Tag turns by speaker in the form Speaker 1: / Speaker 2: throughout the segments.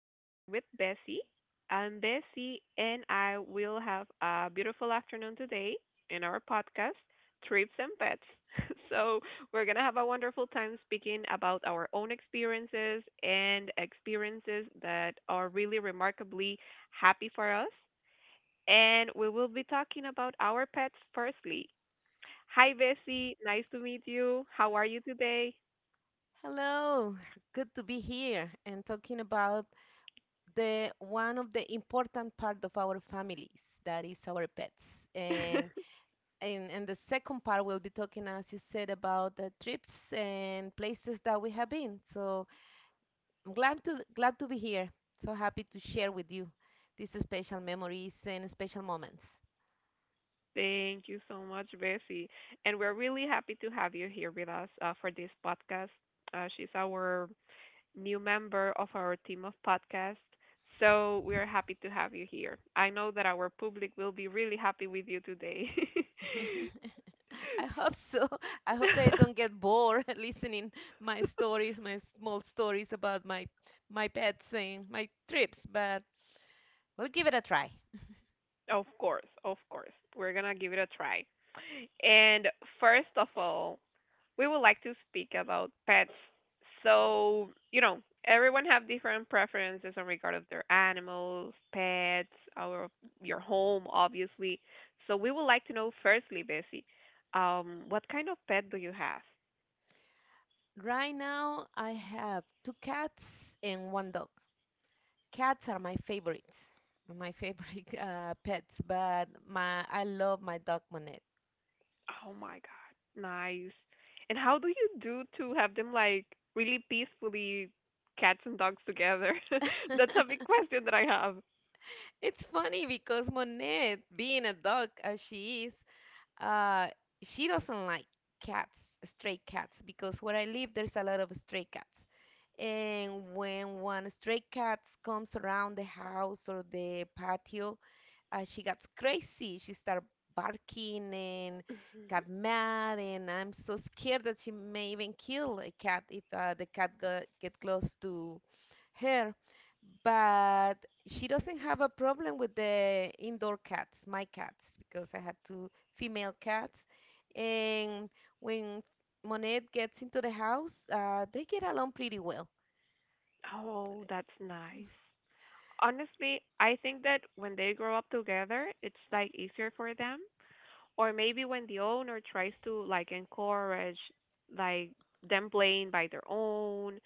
Speaker 1: We are here with Bessie. Bessie and I will have a beautiful afternoon today in our podcast, Trips and Pets. So, we're going to have a wonderful time speaking about our own experiences and experiences that are really remarkably happy for us. And we will be talking about our pets firstly. Hi, Bessie. Nice to meet you. How are you today?
Speaker 2: Hello, good to be here and talking about the one of the important part of our families, that is our pets. And and the second part we'll be talking, as you said, about the trips and places that we have been. So I'm glad to be here. So happy to share with you these special memories and special moments.
Speaker 1: Thank you so much, Bessie. And we're really happy to have you here with us for this podcast. She's our new member of our team of podcasts. So we're happy to have you here. I know that our public will be really happy with you today.
Speaker 2: I hope so. I hope that I don't get bored listening my stories, my small stories about my pets and my trips, but we'll give it a try.
Speaker 1: Of course, of course. We're going to give it a try. And first of all, we would like to speak about pets. So, you know, everyone have different preferences in regard of their animals, pets, our your home, obviously. So we would like to know firstly, Bessie, what kind of pet do you have?
Speaker 2: Right now, I have two cats and one dog. Cats are my favorites, my favorite pets, but my I love my dog Monet.
Speaker 1: Oh my God, nice. And how do you do to have them like really peacefully cats and dogs together? That's a big question that I have.
Speaker 2: It's funny because Monet, being a dog as she is, Uh, she doesn't like cats, stray cats, because where I live, there's a lot of stray cats. And when one stray cat comes around the house or the patio, she gets crazy. She starts barking and got mad, and I'm so scared that she may even kill a cat if the get close to her, but she doesn't have a problem with the indoor cats, my cats, because I had two female cats. And when Monet gets into the house, they get along pretty well.
Speaker 1: Oh, that's nice. Honestly, I think that when they grow up together, it's like easier for them. Or maybe when the owner tries to like encourage like them playing by their own,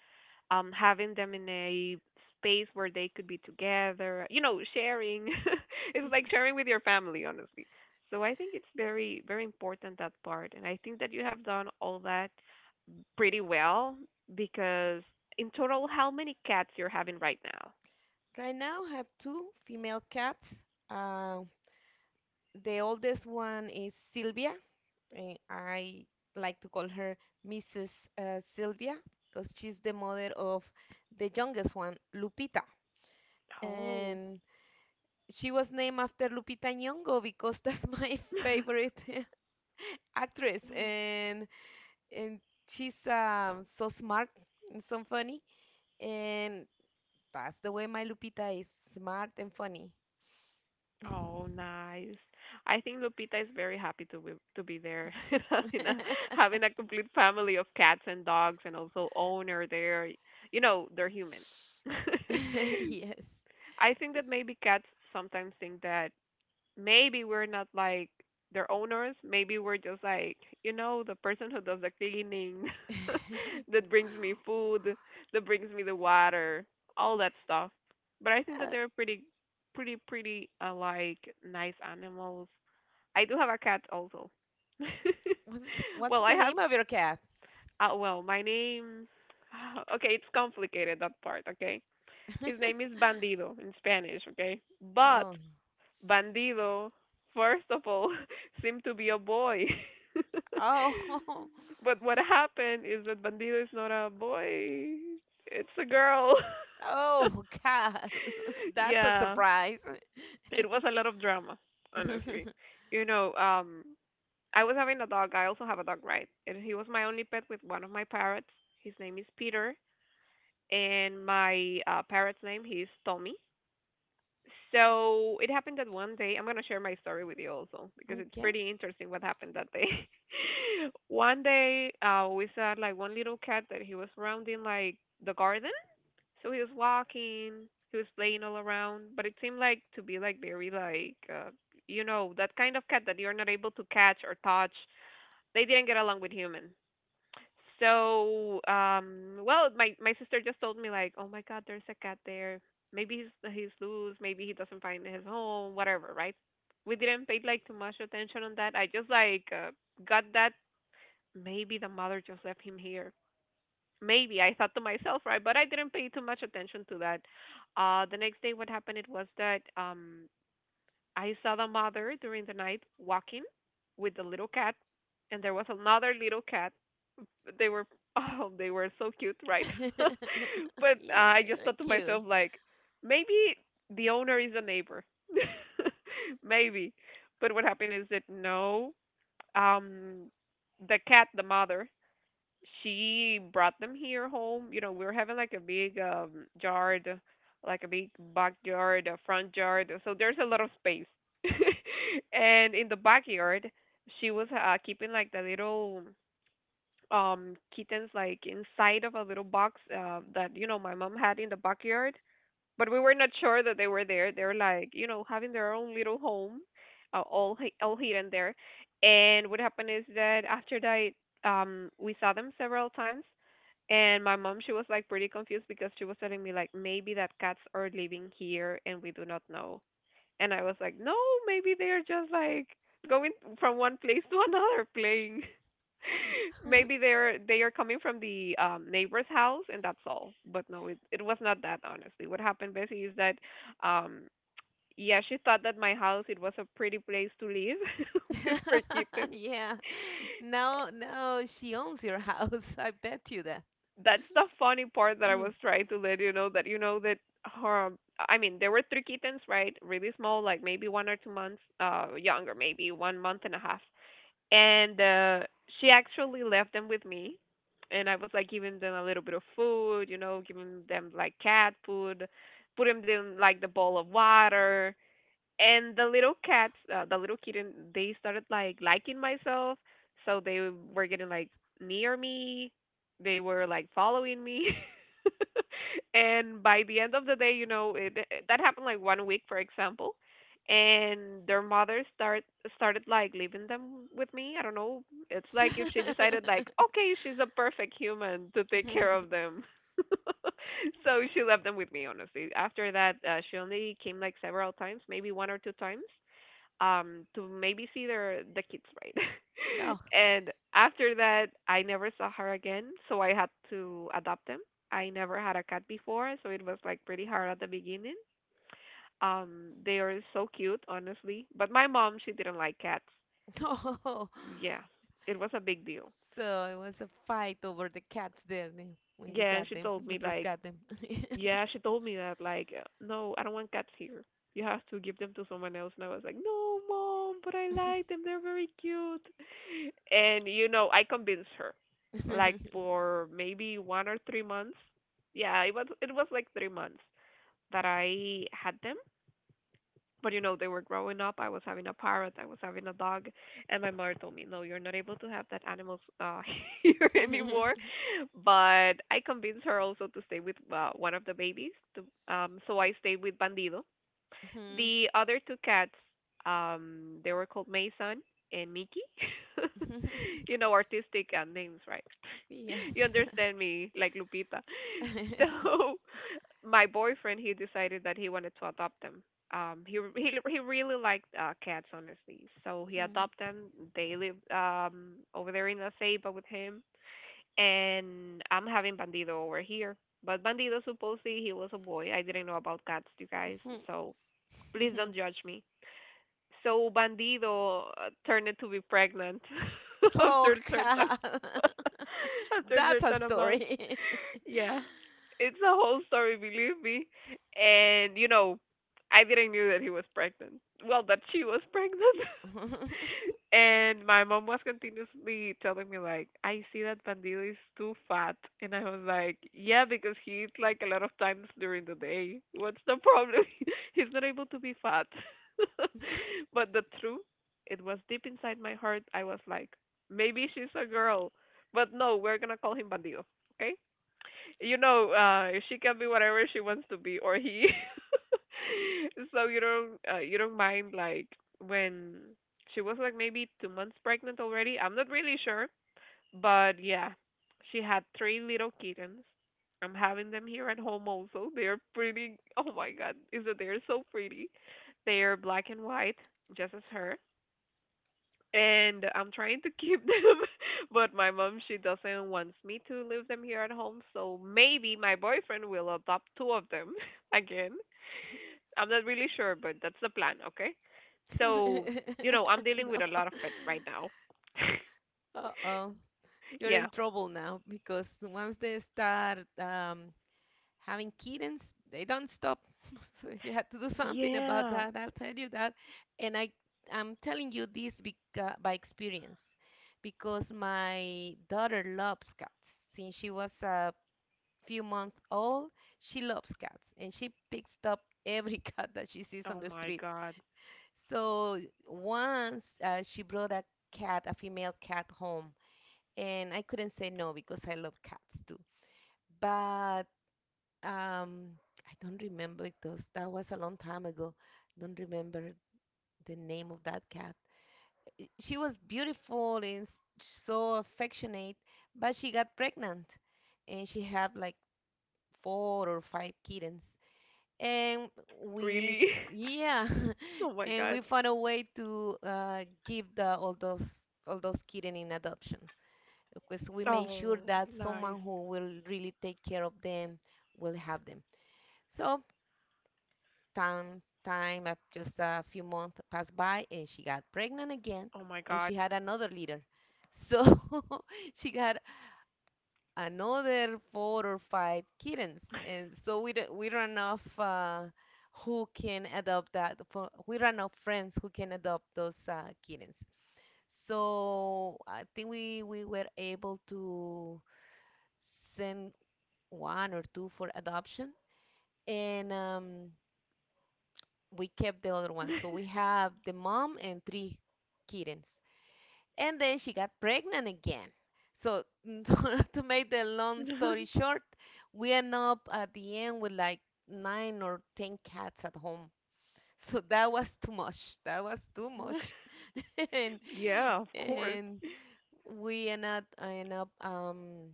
Speaker 1: having them in a space where they could be together, sharing. It's like sharing with your family, honestly. So I think it's very, very important that part. And I think that you have done all that pretty well because in total, how many cats you're having right now?
Speaker 2: Right now, I have two female cats. Uh, the oldest one is Sylvia, and I like to call her Mrs. Sylvia because she's the mother of the youngest one, Lupita.
Speaker 1: Oh.
Speaker 2: And she was named after Lupita Nyong'o because that's my favorite actress, and she's so smart and so funny, and that's the way my Lupita is, smart and funny.
Speaker 1: Oh, nice. I think Lupita is very happy to be there, having a having a complete family of cats and dogs, and also owner there. You know, they're human.
Speaker 2: Yes.
Speaker 1: I think that
Speaker 2: 'cause-
Speaker 1: maybe cats sometimes think that maybe we're not like their owners. Maybe we're just like, the person who does the cleaning, that brings me food, that brings me the water, all that stuff. But I think that
Speaker 2: Uh,
Speaker 1: they're pretty, pretty, pretty like nice animals. I do have a cat also.
Speaker 2: What's what's
Speaker 1: Well, I
Speaker 2: the
Speaker 1: have.
Speaker 2: name of your cat?
Speaker 1: Well, my name. Okay, it's complicated that part. Okay, his name is Bandido in Spanish. Okay, but
Speaker 2: Oh,
Speaker 1: Bandido, first of all, seemed to be a boy.
Speaker 2: oh,
Speaker 1: But what happened is that Bandido is not a boy, it's a girl.
Speaker 2: oh, God. That's a
Speaker 1: Yeah,
Speaker 2: surprise.
Speaker 1: it was a lot of drama, honestly. You know, I was having a dog. I also have a dog, right? And he was my only pet with one of my parrots. His name is Peter, and my parrot's name he is Tommy. So it happened that one day I'm going to share my story with you also, because it's
Speaker 2: Okay.
Speaker 1: pretty interesting what happened that day. One day, we saw like one little cat that he was rounding like the garden. So he was walking, he was playing all around, but it seemed like to be like very like, you know, that kind of cat that you're not able to catch or touch. They didn't get along with human. So, well, my sister just told me like, "Oh my God, there's a cat there. Maybe he's loose. Maybe he doesn't find his home. Whatever, right?" We didn't pay like too much attention on that. I just like got that maybe the mother just left him here. Maybe I thought to myself, right? But I didn't pay too much attention to that. The next day, what happened? It was that I saw the mother during the night walking with the little cat, and there was another little cat. They were oh, they were so cute, right? But I
Speaker 2: Yeah, you
Speaker 1: just
Speaker 2: are
Speaker 1: thought to
Speaker 2: cute.
Speaker 1: myself like maybe the owner is a neighbor. Maybe. But what happened is that no, um the cat, the mother, she brought them here home. You know, we were having like a big, yard, like a big backyard, a front yard, so there's a lot of space. And in the backyard, she was keeping like the little kittens like inside of a little box, that you know my mom had in the backyard. But we were not sure that they were there. They're like, you know, having their own little home, all hidden there. And what happened is that after that, we saw them several times. And my mom, she was like pretty confused because she was telling me like maybe that cats are living here and we do not know. And I was like, no, maybe they're just like going from one place to another playing. Maybe they are coming from the neighbor's house, and that's all. But no, it was not that honestly. What happened, Bessie, is that, um, yeah, she thought that my house it was a pretty place to live with her kittens.
Speaker 2: Yeah. Now she owns your house. I bet you that.
Speaker 1: That's the funny part that I
Speaker 2: Mm.
Speaker 1: was trying to let you know that her. I mean, there were three kittens, right? Really small, like maybe one or two months, younger, maybe one month and a half. And she actually left them with me, and I was like giving them a little bit of food, you know, giving them like cat food, putting them like the bowl of water. And the little kitten, they started like liking myself. So they were getting like near me. They were like following me. And by the end of the day, that happened like one week, for example. And their mother started like leaving them with me. I don't know. It's like if she decided like, okay, she's a perfect human to take care of them. So she left them with me honestly. After that, she only came like several times, maybe one or two times, to maybe see the kids right.
Speaker 2: Oh.
Speaker 1: And after that, I never saw her again, so I had to adopt them. I never had a cat before, so it was like pretty hard at the beginning. They are so cute honestly, but my mom, she didn't like cats.
Speaker 2: No.
Speaker 1: Yeah, it was a big deal.
Speaker 2: So it was a fight over the cats there then, when you
Speaker 1: yeah and
Speaker 2: got
Speaker 1: she
Speaker 2: them,
Speaker 1: told
Speaker 2: when
Speaker 1: me
Speaker 2: first
Speaker 1: like
Speaker 2: got them.
Speaker 1: Yeah, she told me that, like, no, I don't want cats here. You have to give them to someone else. And I was like, no, mom, but I like them. They're very cute. And, you know, I convinced her. Like, for maybe one or three months. Yeah, it was like 3 months that I had them. But you know, they were growing up. I was having a parrot, I was having a dog, and my mother told me, no, you're not able to have that animals here anymore. But I convinced her also to stay with one of the babies so I stayed with Bandido. The other two cats, they were called Mason and Mickey. You know, artistic names, right?
Speaker 2: Yes.
Speaker 1: You understand me, like Lupita. So, my boyfriend, he decided that he wanted to adopt them. He re- he really liked cats, honestly. So he adopted them. They live over there in La Ceiba with him, and I'm having Bandido over here. But Bandido supposedly he was a boy. I didn't know about cats, you guys. So please don't judge me. So Bandido turned to be pregnant
Speaker 2: Oh
Speaker 1: after a certain
Speaker 2: God.
Speaker 1: after a
Speaker 2: That's a
Speaker 1: certain amount.
Speaker 2: story.
Speaker 1: Yeah. It's a whole story, believe me. And you know, I didn't knew that he was pregnant. Well, that she was pregnant. And my mom was continuously telling me like, I see that Pandil is too fat, and I was like, yeah, because he eats like a lot of times during the day. What's the problem? He's not able to be fat. But the truth, it was deep inside my heart. I was like, maybe she's a girl, but no, we're gonna call him Pandil, okay? She can be whatever she wants to be or he. So you don't mind like when she was like maybe 2 months pregnant already. I'm not really sure, but yeah, she had three little kittens. I'm having them here at home also. They're pretty. Oh my God, is that they're so pretty? They are black and white, just as her, and I'm trying to keep them, but my mom, she doesn't wants me to leave them here at home, so maybe my boyfriend will adopt two of them again. I'm not really sure, but that's the plan, okay? So, I'm dealing with a
Speaker 2: No.
Speaker 1: lot of pets right now.
Speaker 2: Uh-oh. You're in
Speaker 1: Yeah.
Speaker 2: trouble now because once they start having kittens, they don't stop. So you have to do something about
Speaker 1: Yeah.
Speaker 2: that. I'll tell you that. And I, I'm telling you this because, by experience, because my daughter loves cats. Since she was a few months old. She loves cats and she picks up every cat that she sees on
Speaker 1: Oh
Speaker 2: the
Speaker 1: my
Speaker 2: street.
Speaker 1: God.
Speaker 2: So once she brought a cat, a female cat, home, and I couldn't say no because I love cats too. But um, I don't remember, it was, that was a long time ago. Don't remember the name of that cat. She was beautiful and so affectionate, but she got pregnant, and she had like four or five kittens. and
Speaker 1: Really?
Speaker 2: yeah,
Speaker 1: Oh my
Speaker 2: and
Speaker 1: God.
Speaker 2: we found a way to give the all those kittens in adoption because we made sure
Speaker 1: Oh,
Speaker 2: that someone
Speaker 1: nice.
Speaker 2: who will really take care of them will have them. So time just a few months passed by and she got pregnant again
Speaker 1: Oh my
Speaker 2: and she
Speaker 1: God.
Speaker 2: had another litter, so she got another four or five kittens, and so we run off who can adopt that. For, we run off friends who can adopt those kittens. So I think we were able to send one or two for adoption, and we kept the other one. So we have the mom and three kittens. And then she got pregnant again. So to make the long story short, we end up at the end with like nine or ten cats at home. So that was too much. That was too much, and
Speaker 1: Yeah, of course.
Speaker 2: and we end up I end up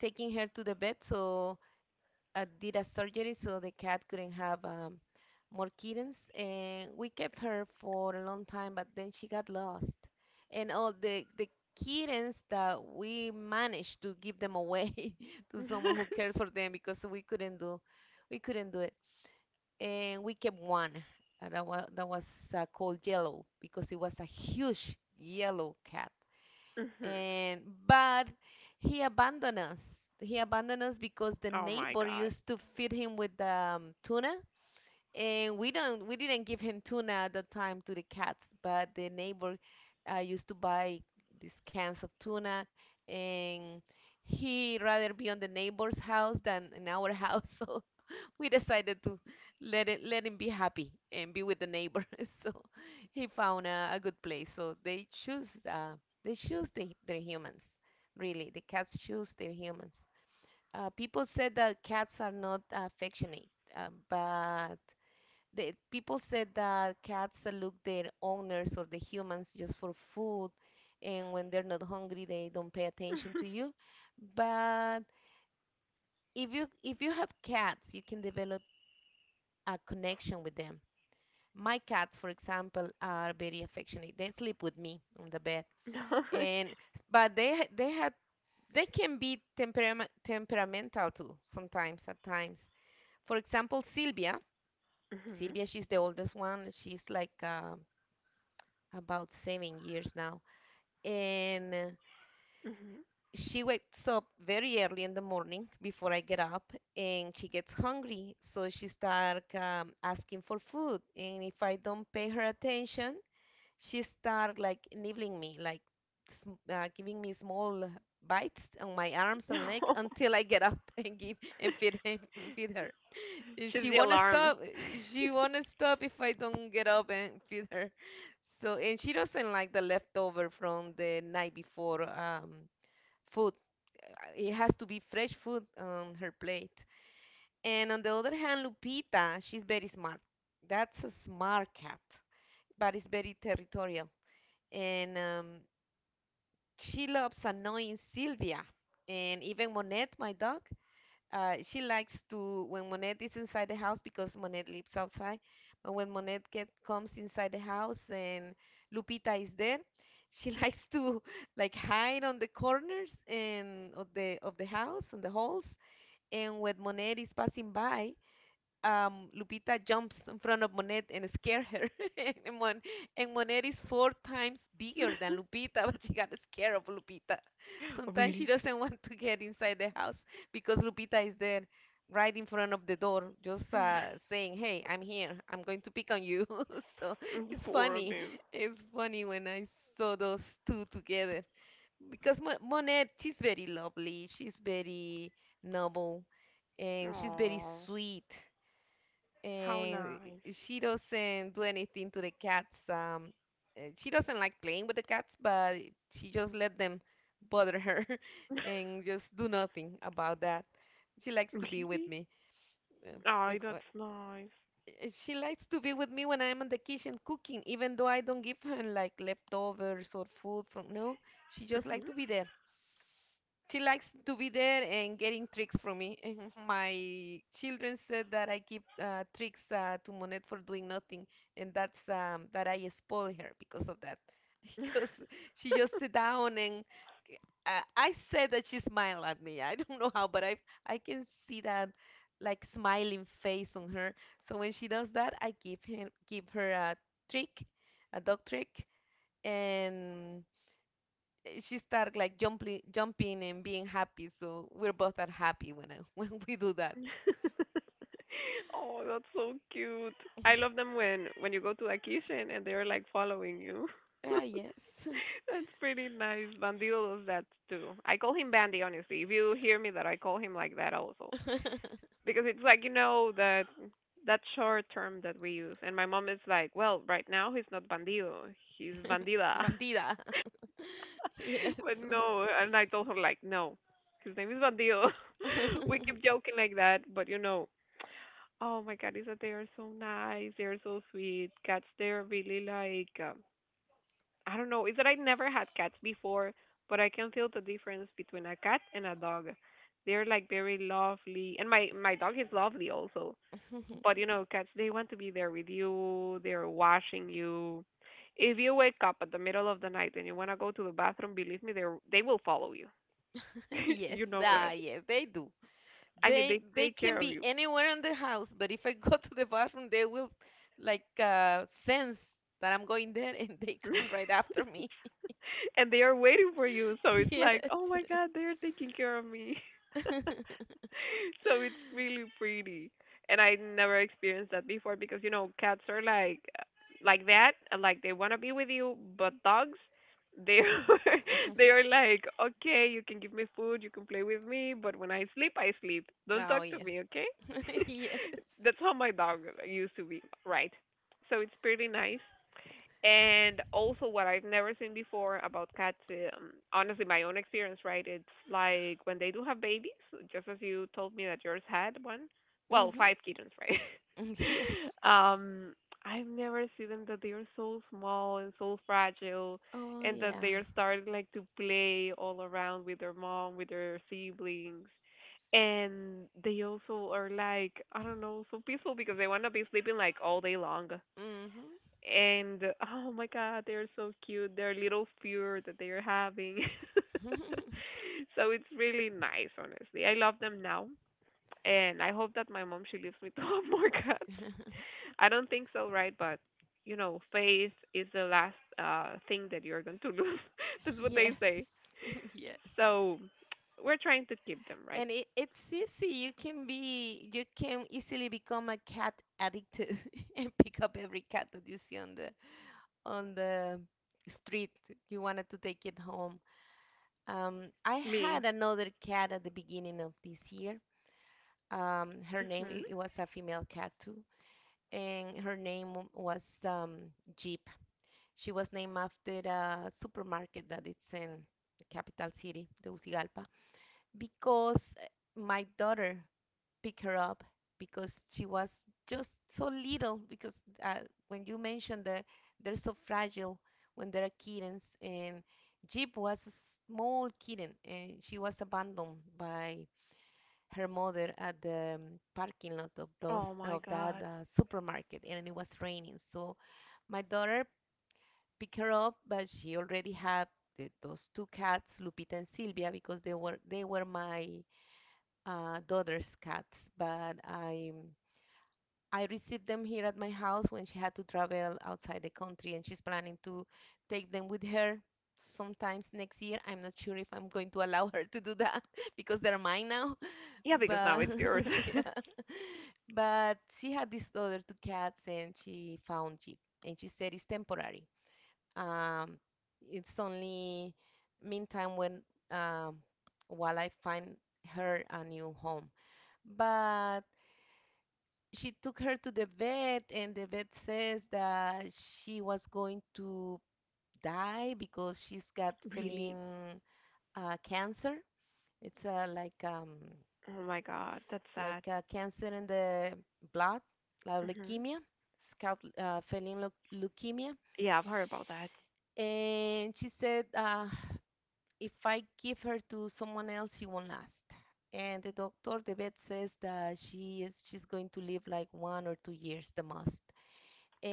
Speaker 2: taking her to the vet. So did a surgery so the cat couldn't have more kittens. And we kept her for a long time, but then she got lost. And all the kittens that we managed to give them away to someone who cared for them because we couldn't do it. And we kept one. That was called Yellow because it was a huge yellow cat,
Speaker 1: Mhm.
Speaker 2: and but he abandoned us. He abandoned us because the
Speaker 1: Oh my
Speaker 2: neighbor
Speaker 1: God.
Speaker 2: used to feed him with tuna, and we didn't give him tuna at the time to the cats, but the neighbor used to buy these cans of tuna, and he rather be on the neighbor's house than in our house. So we decided to let him be happy and be with the neighbor. So he found a good place. So they choose their humans. Really, the cats choose their humans. People said that cats are not affectionate, but people said that cats look their owners or the humans just for food, and when they're not hungry, they don't pay attention to you. But if you have cats, you can develop a connection with them. My cats, for example, are very affectionate. They sleep with me on the bed, and but they have they can be temperament, temperamental too sometimes at times. For example,
Speaker 1: Mhm.
Speaker 2: Sylvia, she's the oldest one. She's like about 7 years now, and
Speaker 1: Mhm.
Speaker 2: she wakes up very early in the morning before I get up, and she gets hungry, so she starts asking for food. And if I don't pay her attention, she started like nibbling me, like sm giving me small bites on my arms and leg until I get up and give and feed him and feed her.
Speaker 1: She's
Speaker 2: She
Speaker 1: the
Speaker 2: wanna
Speaker 1: alarm.
Speaker 2: stop. She wanna stop if I don't get up and feed her. So and she doesn't like the leftover from the night before food. It has to be fresh food on her plate. And on the other hand, Lupita, she's very smart. That's a smart cat, but it's very territorial. And she loves annoying Sylvia and even Monette, my dog. She likes to when Monette is inside the house, because Monette lives outside. But when comes inside the house and Lupita is there, she likes to like hide on the corners and of the house, on the halls. And when Monette is passing by, Lupita jumps in front of Monet and scare her. and, Mon- and Monet is four times bigger than Lupita, but she got scared of Lupita. Sometimes she
Speaker 1: Really?
Speaker 2: doesn't want to get inside the house because Lupita is there right in front of the door, just saying, "Hey, I'm here. I'm going to pick on you." So
Speaker 1: Mm,
Speaker 2: it's
Speaker 1: poor of
Speaker 2: funny.
Speaker 1: him.
Speaker 2: It's funny when I saw those two together. Because Monet, she's very lovely. She's very noble and she's very
Speaker 1: Oh,
Speaker 2: sweet
Speaker 1: how
Speaker 2: and
Speaker 1: nice.
Speaker 2: she doesn't do anything to the cats. She doesn't like playing with the cats, but she just let them bother her and just do nothing about that. She likes to be with
Speaker 1: Really?
Speaker 2: me. Uh,
Speaker 1: Oh,
Speaker 2: like, uh,
Speaker 1: that's nice.
Speaker 2: She likes to be with me when I'm in the kitchen cooking, even though I don't give her like leftovers or food from. No, she just
Speaker 1: Mhm.
Speaker 2: like to be there. She likes to be there and getting tricks from me. My children said that I give tricks to Monet for doing nothing, and that's that I spoil her because of that, because she just sit down and I said that she smiled at me. I don't know how, but I can see that like smiling face on her. So when she does that, I give her a trick, a dog trick, and she started like jumping, jumping and being happy. So we're both are happy when when we do that.
Speaker 1: Oh, that's so cute. I love them when you go to a kitchen and they're like following you.
Speaker 2: Ah, yes.
Speaker 1: That's pretty nice. Bandido does that too. I call him Bandy, honestly. If you hear me that I call him like that also. Because it's like that short term that we use, and my mom is like, well, right now he's not Bandido, he's Bandida.
Speaker 2: Bandida. Yes.
Speaker 1: But no, and I told her, like, no, his name is Bandido. We keep joking like that. But you know Oh my God, is that they are so nice, they're so sweet cats. They're really like I don't know, is that I never had cats before, but I can feel the difference between a cat and a dog. They're like very lovely, and my dog is lovely also. But cats, they want to be there with you, they're washing you. If you wake up at the middle of the night and you want to go to the bathroom, believe me, they will follow you.
Speaker 2: Yes.
Speaker 1: You know
Speaker 2: Ah,
Speaker 1: that,
Speaker 2: yes, they do.
Speaker 1: I mean, they
Speaker 2: They
Speaker 1: take
Speaker 2: can
Speaker 1: care of
Speaker 2: be
Speaker 1: you.
Speaker 2: anywhere in the house, but if I go to the bathroom, they will like sense that I'm going there and they come right after me.
Speaker 1: And they are waiting for you. So it's like,
Speaker 2: Yes.
Speaker 1: oh my God, they're taking care of me. So it's really pretty, and I never experienced that before, because cats are like that. And, like, they wanna be with you. But dogs. They are, they are like, okay, you can give me food, you can play with me, but when I sleep, I sleep. Don't
Speaker 2: Oh,
Speaker 1: talk to
Speaker 2: yeah.
Speaker 1: me, okay?
Speaker 2: Yes.
Speaker 1: That's how my dog used to be, right? So it's pretty nice. And also, what I've never seen before about cats, honestly, my own experience, right? It's like when they do have babies, just as you told me that yours had one. Well,
Speaker 2: Mm-hmm.
Speaker 1: five kittens, right?
Speaker 2: Yes.
Speaker 1: um, I've never seen them that they are so small and so fragile,
Speaker 2: Oh,
Speaker 1: and that they
Speaker 2: yeah.
Speaker 1: are starting like to play all around with their mom, with their siblings, and they also are, like, I don't know, so peaceful because they want to be sleeping like all day long.
Speaker 2: Mm-hmm.
Speaker 1: And oh my God, they're so cute. Their little fear that they're having. So it's really nice, honestly. I love them now, and I hope that my mom she leaves me to have more cats. I don't think so, right? But faith is the last thing that you're going to lose. That's what they
Speaker 2: Yes.
Speaker 1: say.
Speaker 2: Yes.
Speaker 1: So we're trying to keep them, right?
Speaker 2: And it's easy. You can be, you can easily become a cat addicted and pick up every cat that you see on the street. You wanted to take it home. I
Speaker 1: Me.
Speaker 2: had another cat at the beginning of this year.
Speaker 1: Hmm.
Speaker 2: It was a female cat too, and her name was Jeep. She was named after a supermarket that it's in the capital city, Tegucigalpa, because my daughter picked her up because she was just so little. Because uh, when you mentioned that they're so fragile when they're kittens, and Jeep was a small kitten, and she was abandoned by her mother at the parking lot of those
Speaker 1: Oh my
Speaker 2: of that
Speaker 1: God.
Speaker 2: supermarket, and it was raining. So my daughter pick her up, but she already had those two cats, Lupita and Silvia, because they were my daughter's cats. But I received them here at my house when she had to travel outside the country, and she's planning to take them with her sometimes next year. I'm not sure if I'm going to allow her to do that because they're mine now.
Speaker 1: Yeah, because now
Speaker 2: But
Speaker 1: it's yours.
Speaker 2: yeah, but she had these other two cats, and she found it, and she said it's temporary um, it's only meantime when um, while I find her a new home. But she took her to the vet, and the vet says that she was going to die because she's got
Speaker 1: Really.
Speaker 2: feeling cancer. It's
Speaker 1: Oh my God, that's sad.
Speaker 2: like cancer in the blood, like
Speaker 1: Mhm.
Speaker 2: leukemia, scalp feeling leukemia.
Speaker 1: Yeah, I've heard about that.
Speaker 2: And she said if I give her to someone else, she won't last. And the doctor, the vet says that she's going to live like 1 or 2 years the most.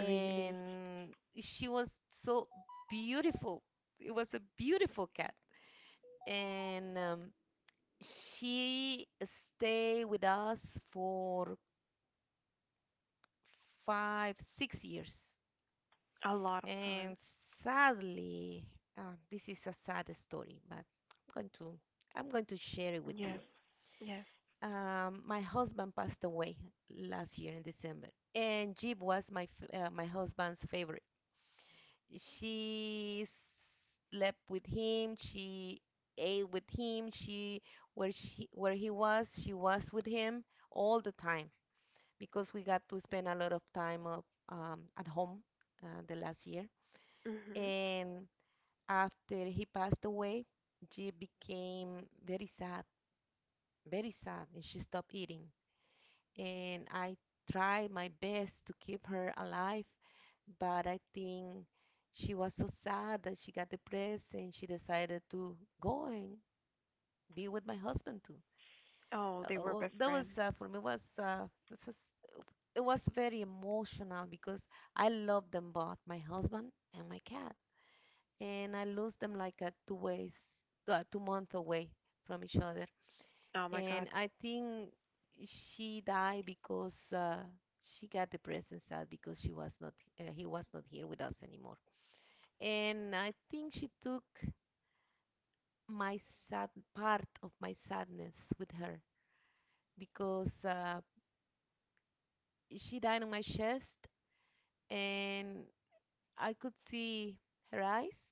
Speaker 1: Really.
Speaker 2: she was so beautiful. It was a beautiful cat. And she stayed with us for five, 6 years.
Speaker 1: A lot of time.
Speaker 2: And sadly, this is a sad story, but I'm going to share it with you.
Speaker 1: Yes, yes.
Speaker 2: My husband passed away last year in December, and Jeep was my husband's favorite. She slept with him. She ate with him. She where he was, she was with him all the time because we got to spend a lot of time at home the last year.
Speaker 1: Mhm.
Speaker 2: And after he passed away, Jeep became very sad, and she stopped eating, and I tried my best to keep her alive, but I think she was so sad that she got depressed and she decided to go and be with my husband too.
Speaker 1: Oh, they were
Speaker 2: Well,
Speaker 1: best
Speaker 2: that was
Speaker 1: friends.
Speaker 2: for me it was very emotional because I love them both, my husband and my cat, and I lose them like 2 months away from each other.
Speaker 1: Oh my God.
Speaker 2: And I think she died because she got depressed and sad because she was not he was not here with us anymore. And I think she took my sad part of my sadness with her because she died on my chest, and I could see her eyes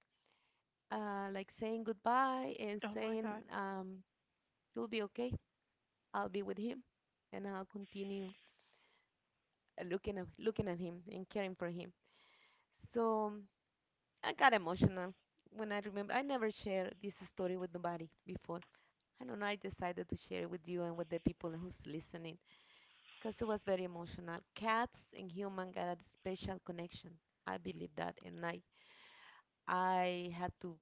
Speaker 2: like saying goodbye and
Speaker 1: Oh my
Speaker 2: saying
Speaker 1: God.
Speaker 2: you'll be okay. I'll be with him, and I'll continue looking at him and caring for him. So I got emotional when I remember. I never shared this story with nobody before. I don't know. I decided to share it with you and with the people who's listening because it was very emotional. Cats and human got a special connection. I believe that, and I had to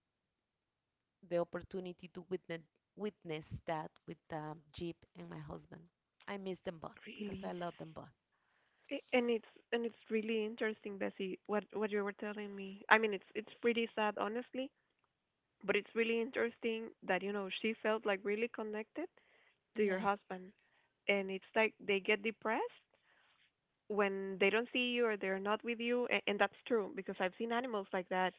Speaker 2: the opportunity to witness that with Jeep and my husband. I miss them both because I
Speaker 1: Really.
Speaker 2: love them both.
Speaker 1: And it's really interesting, Bessie, what you were telling me. I mean, it's pretty sad, honestly, but it's really interesting that, you know, she felt like really connected to your
Speaker 2: Yes.
Speaker 1: husband. And it's like they get depressed when they don't see you or they're not with you, and, that's true because I've seen animals like that.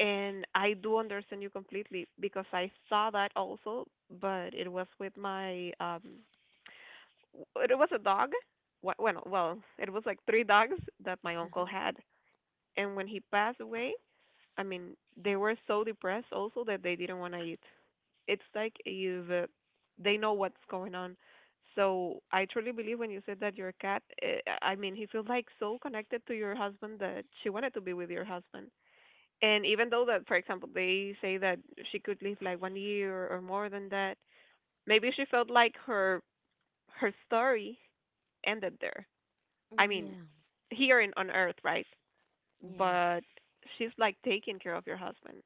Speaker 1: And I do understand you completely because I saw that also, but it was with my it was a dog. Well, it was like three dogs that my uncle had. And when he passed away, I mean, they were so depressed also that they didn't want to eat. It's like you've they know what's going on. So I truly believe when you said that your cat, I mean, he feels like so connected to your husband that she wanted to be with your husband. And even though that, for example, they say that she could live like one year or more than that, maybe she felt like her story ended there. I mean,
Speaker 2: Yeah.
Speaker 1: here in on Earth, right?
Speaker 2: Yeah.
Speaker 1: But she's like taking care of your husband.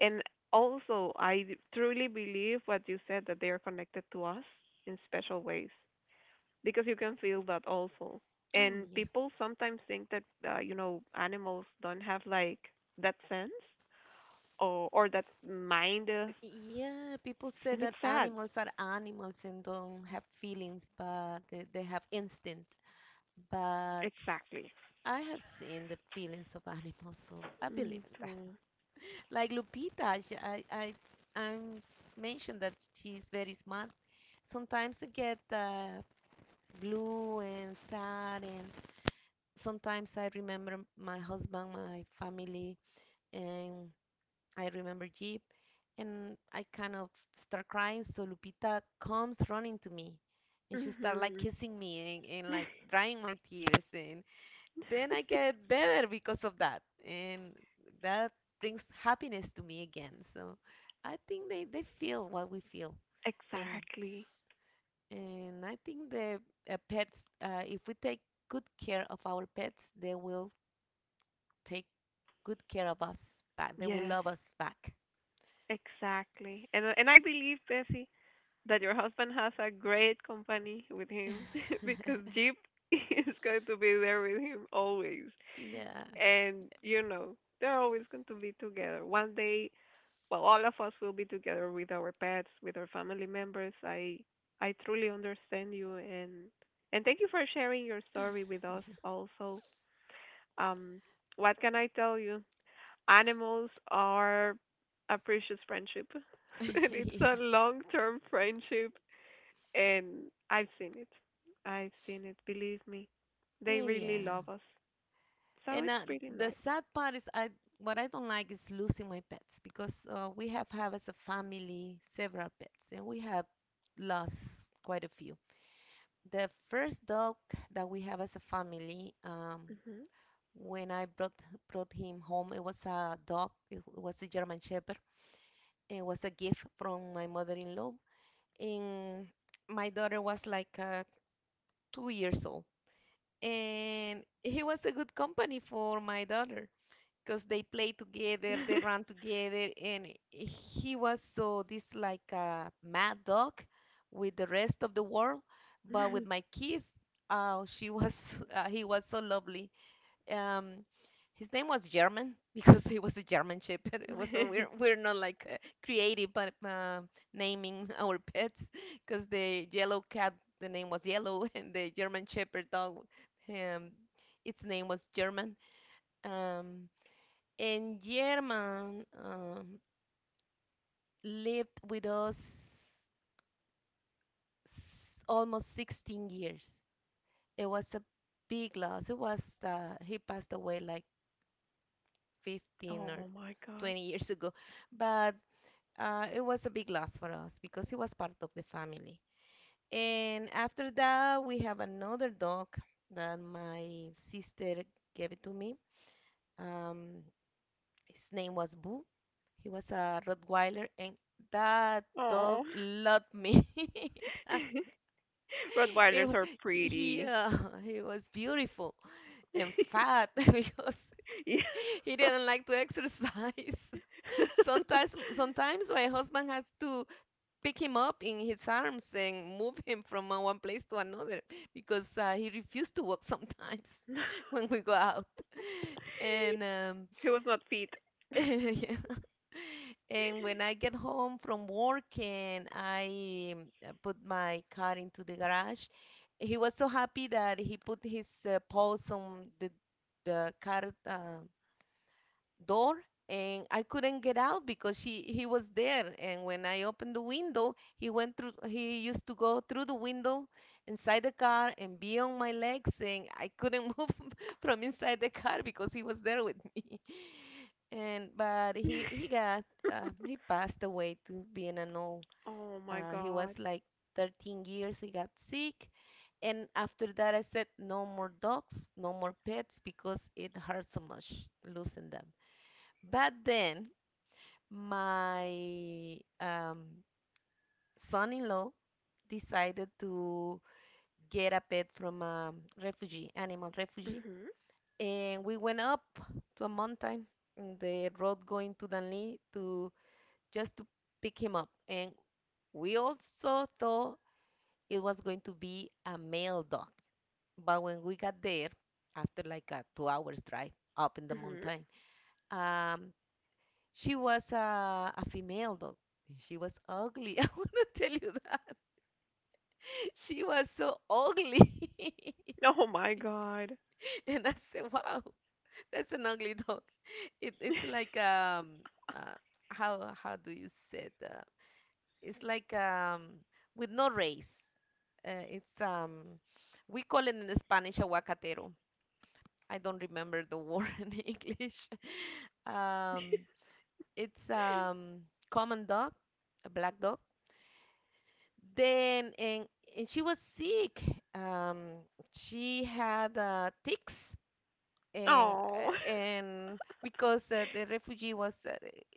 Speaker 1: And also, I truly believe what you said that they are connected to us in special ways, because you can feel that also.
Speaker 2: Oh
Speaker 1: And
Speaker 2: yeah.
Speaker 1: people sometimes think that animals don't have like that sense, or that's mind us,
Speaker 2: Yeah, people say
Speaker 1: and it's
Speaker 2: that
Speaker 1: sad.
Speaker 2: animals are animals and don't have feelings, but they have instinct. But
Speaker 1: Exactly.
Speaker 2: I have seen the feelings of animals, so I
Speaker 1: Me
Speaker 2: believe in that.
Speaker 1: too.
Speaker 2: Like Lupita, I mentioned that she's very smart. Sometimes I get blue and sad, and sometimes I remember my husband, my family, and I remember Jeep, and I kind of start crying. So Lupita comes running to me, and she start like
Speaker 1: Mhm.
Speaker 2: kissing me and like drying my tears, and then I get better because of that, and that brings happiness to me again. So I think they feel what we feel, and
Speaker 1: Exactly.
Speaker 2: and I think the pets, if we take good care of our pets, they will take good care of us back. They will
Speaker 1: Yes.
Speaker 2: love us back.
Speaker 1: Exactly. And I believe, Bessie, that your husband has a great company with him because Jeep is going to be there with him always.
Speaker 2: Yes,
Speaker 1: And they're always going to be together. One day, well, all of us will be together with our pets, with our family members. I truly understand you, and thank you for sharing your story with us also. Um what can I tell you? Animals are a precious friendship.
Speaker 2: yes,
Speaker 1: And it's
Speaker 2: yes,
Speaker 1: a long-term friendship, and I've seen it. I've seen it, believe me. They really
Speaker 2: yeah.
Speaker 1: love us. So
Speaker 2: And
Speaker 1: it's pretty
Speaker 2: the
Speaker 1: nice.
Speaker 2: sad part is, I what I don't like is losing my pets because we have as a family several pets, and we have lost quite a few. The first dog that we have as a family,
Speaker 1: Mhm.
Speaker 2: when I brought him home, it was a dog. It was a German Shepherd. It was a gift from my mother-in-law, and my daughter was like 2 years old, and he was a good company for my daughter because they play together, they run together, and he was so this like a mad dog with the rest of the world, but with my kids, oh she was he was so lovely. um his name was German because he was a German Shepherd. It was so we're we're not like creative, but naming our pets, because the yellow cat, the name was yellow, and the German Shepherd dog, um its name was German. Um, and German lived with us almost 16 years. It was a big loss. It was he passed away like 15 or
Speaker 1: Oh my God.
Speaker 2: 20 years ago. But it was a big loss for us because he was part of the family. And after that, we have another dog that my sister gave it to me. Um, his name was Boo. He was a Rottweiler, and that dog
Speaker 1: Oh.
Speaker 2: loved me. That- it,
Speaker 1: Rottweilers
Speaker 2: wa-
Speaker 1: are
Speaker 2: he
Speaker 1: pretty.
Speaker 2: uh, he was beautiful and fat because
Speaker 1: Yeah.
Speaker 2: he didn't like to exercise. Sometimes my husband has to pick him up in his arms and move him from one place to another because he refused to walk sometimes when we go out. And
Speaker 1: He was not fit.
Speaker 2: yeah. And when I get home from work and I put my car into the garage, he was so happy that he put his paws on the car uh, door, and I couldn't get out because she he was there, and when I opened the window he used to go through the window inside the car and be on my legs, and I couldn't move from inside the car because he was there with me. And but he got he passed away to being an old
Speaker 1: Oh my
Speaker 2: he was
Speaker 1: God.
Speaker 2: like 13 years, he got sick, and after that I said no more dogs, no more pets because it hurts so much losing them. But then my son-in-law decided to get a pet from a refugee, animal refugee,
Speaker 1: Mhm.
Speaker 2: and we went up to a mountain in the road going to Danlí to just to pick him up. And we also thought it was going to be a male dog, but when we got there, after like a 2 hours drive up in the
Speaker 1: Mhm.
Speaker 2: mountain, um, she was a female dog. She was ugly. I want to tell you that. She was so ugly.
Speaker 1: Oh my God.
Speaker 2: And I said, wow, that's an ugly dog. It's like, uh, how do you say it? It's like with no race. It's, we call it in Spanish aguacatero. I don't remember the word in English. Um, it's common dog, a black dog. Then and she was sick. Um, she had ticks and
Speaker 1: Oh.
Speaker 2: uh, and because the refugee was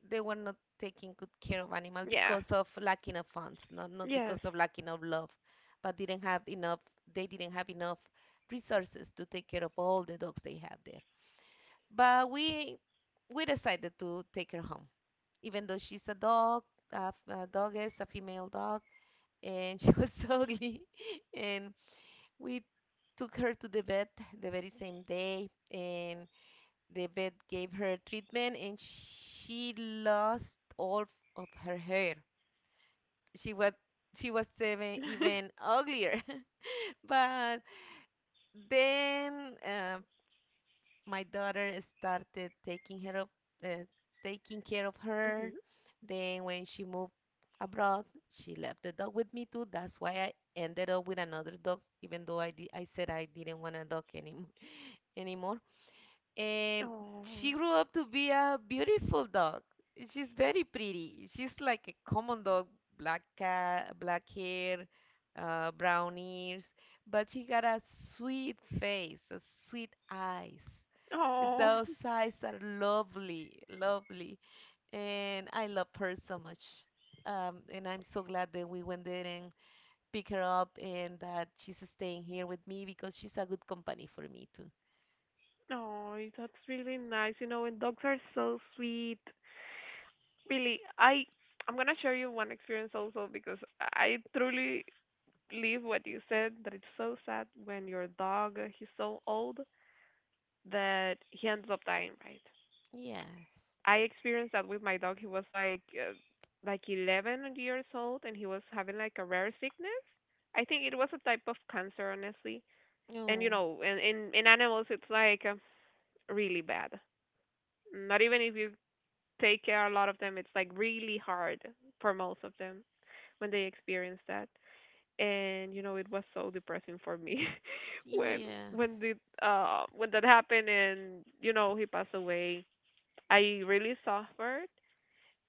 Speaker 2: they were not taking good care of animals
Speaker 1: Yeah.
Speaker 2: because of lacking of funds, not not
Speaker 1: Yes.
Speaker 2: because of lacking of love, but didn't have enough. They didn't have enough resources to take care of all the dogs they have there. But we decided to take her home, even though she's a dog, a, f- a dog is a female dog and she was ugly. And we took her to the vet the very same day, and the vet gave her treatment, and she lost all of her hair. She was she was even uglier. But then, my daughter started uh, taking care of her.
Speaker 1: Mhm.
Speaker 2: Then when she moved abroad, she left the dog with me too. That's why I ended up with another dog, even though I said I didn't want a dog anymore anymore. And
Speaker 1: Oh.
Speaker 2: she grew up to be a beautiful dog. She's very pretty. She's like a common dog, black cat, black hair, brown ears, but she got a sweet face, a sweet eyes. It's
Speaker 1: Oh.
Speaker 2: those eyes are lovely, lovely, and I love her so much. And I'm so glad that we went there and pick her up, and that she's staying here with me because she's a good company for me too.
Speaker 1: Oh, that's really nice. And dogs are so sweet. Really, I'm gonna share you one experience also, because I truly believe what you said that it's so sad when your dog he's so old that he ends up dying, right?
Speaker 2: Yes.
Speaker 1: I experienced that with my dog. He was like 11 years old, and he was having like a rare sickness. I think it was a type of cancer, honestly. And you
Speaker 2: Oh.
Speaker 1: know, in animals it's like really bad. Not even if you take care a lot of them, it's like really hard for most of them when they experience that. And it was so depressing for me when when
Speaker 2: Yes.
Speaker 1: the when that happened, and he passed away. I really suffered,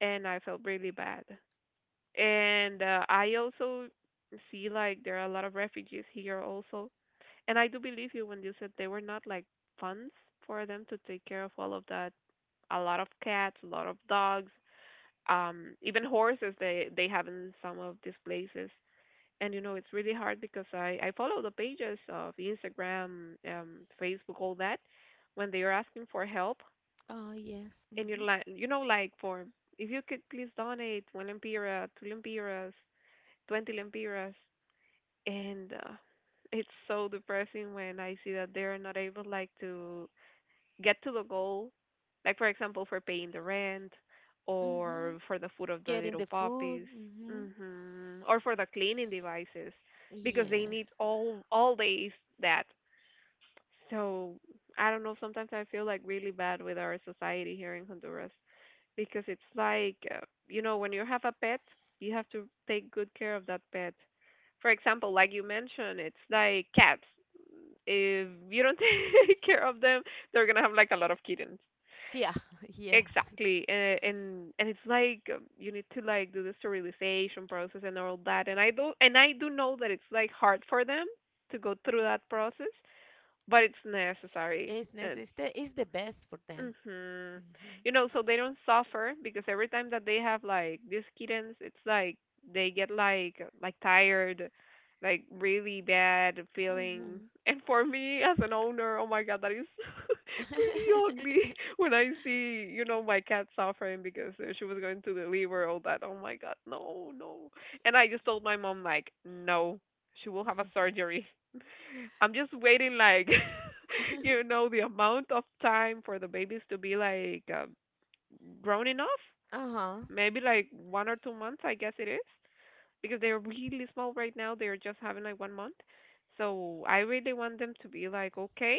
Speaker 1: and I felt really bad. And I also see like there are a lot of refugees here also. And I do believe you when you said there were not like funds for them to take care of all of that. A lot of cats, a lot of dogs, even horses they have in some of these places. And it's really hard because I follow the pages of Instagram, Facebook, all that, when they are asking for help
Speaker 2: Oh, yes.
Speaker 1: in your
Speaker 2: Mhm.
Speaker 1: land, like for if you could please donate one lempira, two lempiras, 20 lempiras, and it's so depressing when I see that they're not able like to get to the goal, like for example for paying the rent,
Speaker 2: Mhm.
Speaker 1: or for the food of the
Speaker 2: Getting
Speaker 1: little
Speaker 2: the food.
Speaker 1: puppies,
Speaker 2: Mhm.
Speaker 1: or for the cleaning devices, because they need
Speaker 2: Yes.
Speaker 1: all days that. So I don't know. Sometimes I feel like really bad with our society here in Honduras, because it's like when you have a pet you have to take good care of that pet, for example like you mentioned it's like cats, if you don't take care of them they're gonna have like a lot of kittens.
Speaker 2: Yeah. Yes.
Speaker 1: Exactly. And it's like you need to like do the sterilization process and all that. And I do know that it's like hard for them to go through that process, but it's necessary.
Speaker 2: It's necessary. It's the best for them.
Speaker 1: Mhm.
Speaker 2: Mhm.
Speaker 1: So they don't suffer, because every time that they have like these kittens, it's like they get like tired, like really bad feeling.
Speaker 2: Mhm.
Speaker 1: And for me as an owner, oh my God, that is pretty ugly when I see, my cat suffering because she was going to deliver all that. Oh my God, no, no. And I just told my mom like, no, she will have a surgery. I'm just waiting like the amount of time for the babies to be like grown enough.
Speaker 2: Uh-huh.
Speaker 1: Maybe like 1 or 2 months, I guess it is, because they're really small right now. They're just having like 1 month. So I really want them to be like okay,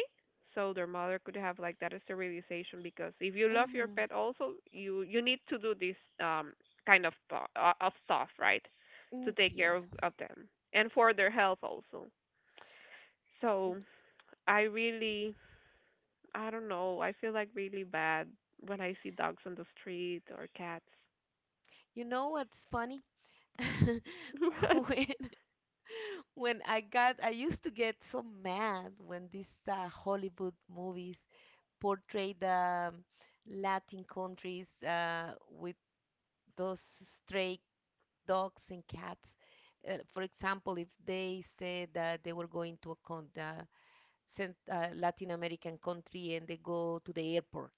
Speaker 1: so their mother could have like that sterilization. Because if you love your
Speaker 2: Mhm.
Speaker 1: pet, also you need to do this um kind of stuff, right, to take care
Speaker 2: Yeah.
Speaker 1: of them and for their health also. So I really I don't know. I feel like really bad when I see dogs on the street or cats.
Speaker 2: You know what's funny? When when I got I used to get so mad when these Hollywood movies portray the Latin countries with those stray dogs and cats. For example, if they said that they were going to a Latin American country and they go to the airport,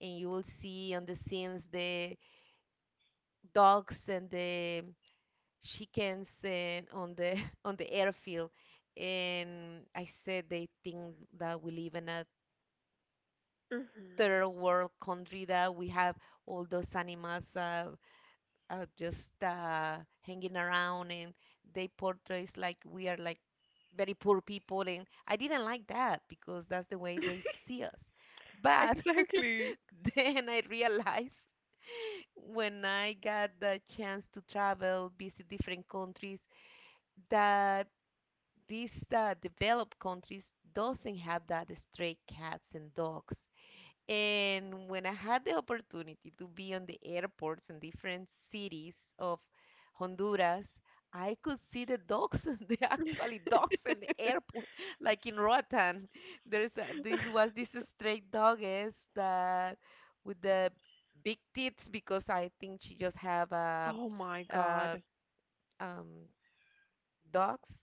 Speaker 2: and you will see on the scenes the dogs and the chickens and on the on the airfield. And I said they think that we live in a
Speaker 1: But
Speaker 2: third world country, that we have all those animals just hanging around, and they portrays like we are like very poor people, and I didn't like that because that's the way they see us. But then I realized when I got the chance to travel, visit different countries, that these developed countries doesn't have that stray cats and dogs. And when I had the opportunity to be on the airports in different cities of Honduras, I could see the dogs, the actually dogs in the airport, like in Roatan. This was this stray dogess that with the big tits because I think she just have a,
Speaker 1: oh my
Speaker 2: uh
Speaker 1: God,
Speaker 2: um dogs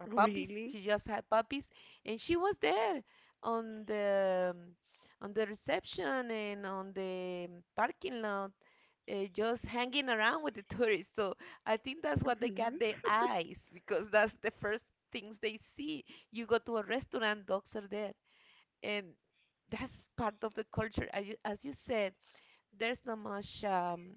Speaker 2: puppies.
Speaker 1: really?
Speaker 2: She just had puppies, and she was there on the um, on the reception and on the parking lot, just hanging around with the tourists. So I think that's what they
Speaker 1: Mm-hmm.
Speaker 2: got their eyes because that's the first things they see. You go to a restaurant, dogs are there, and that's part of the culture. As you said, there's not much.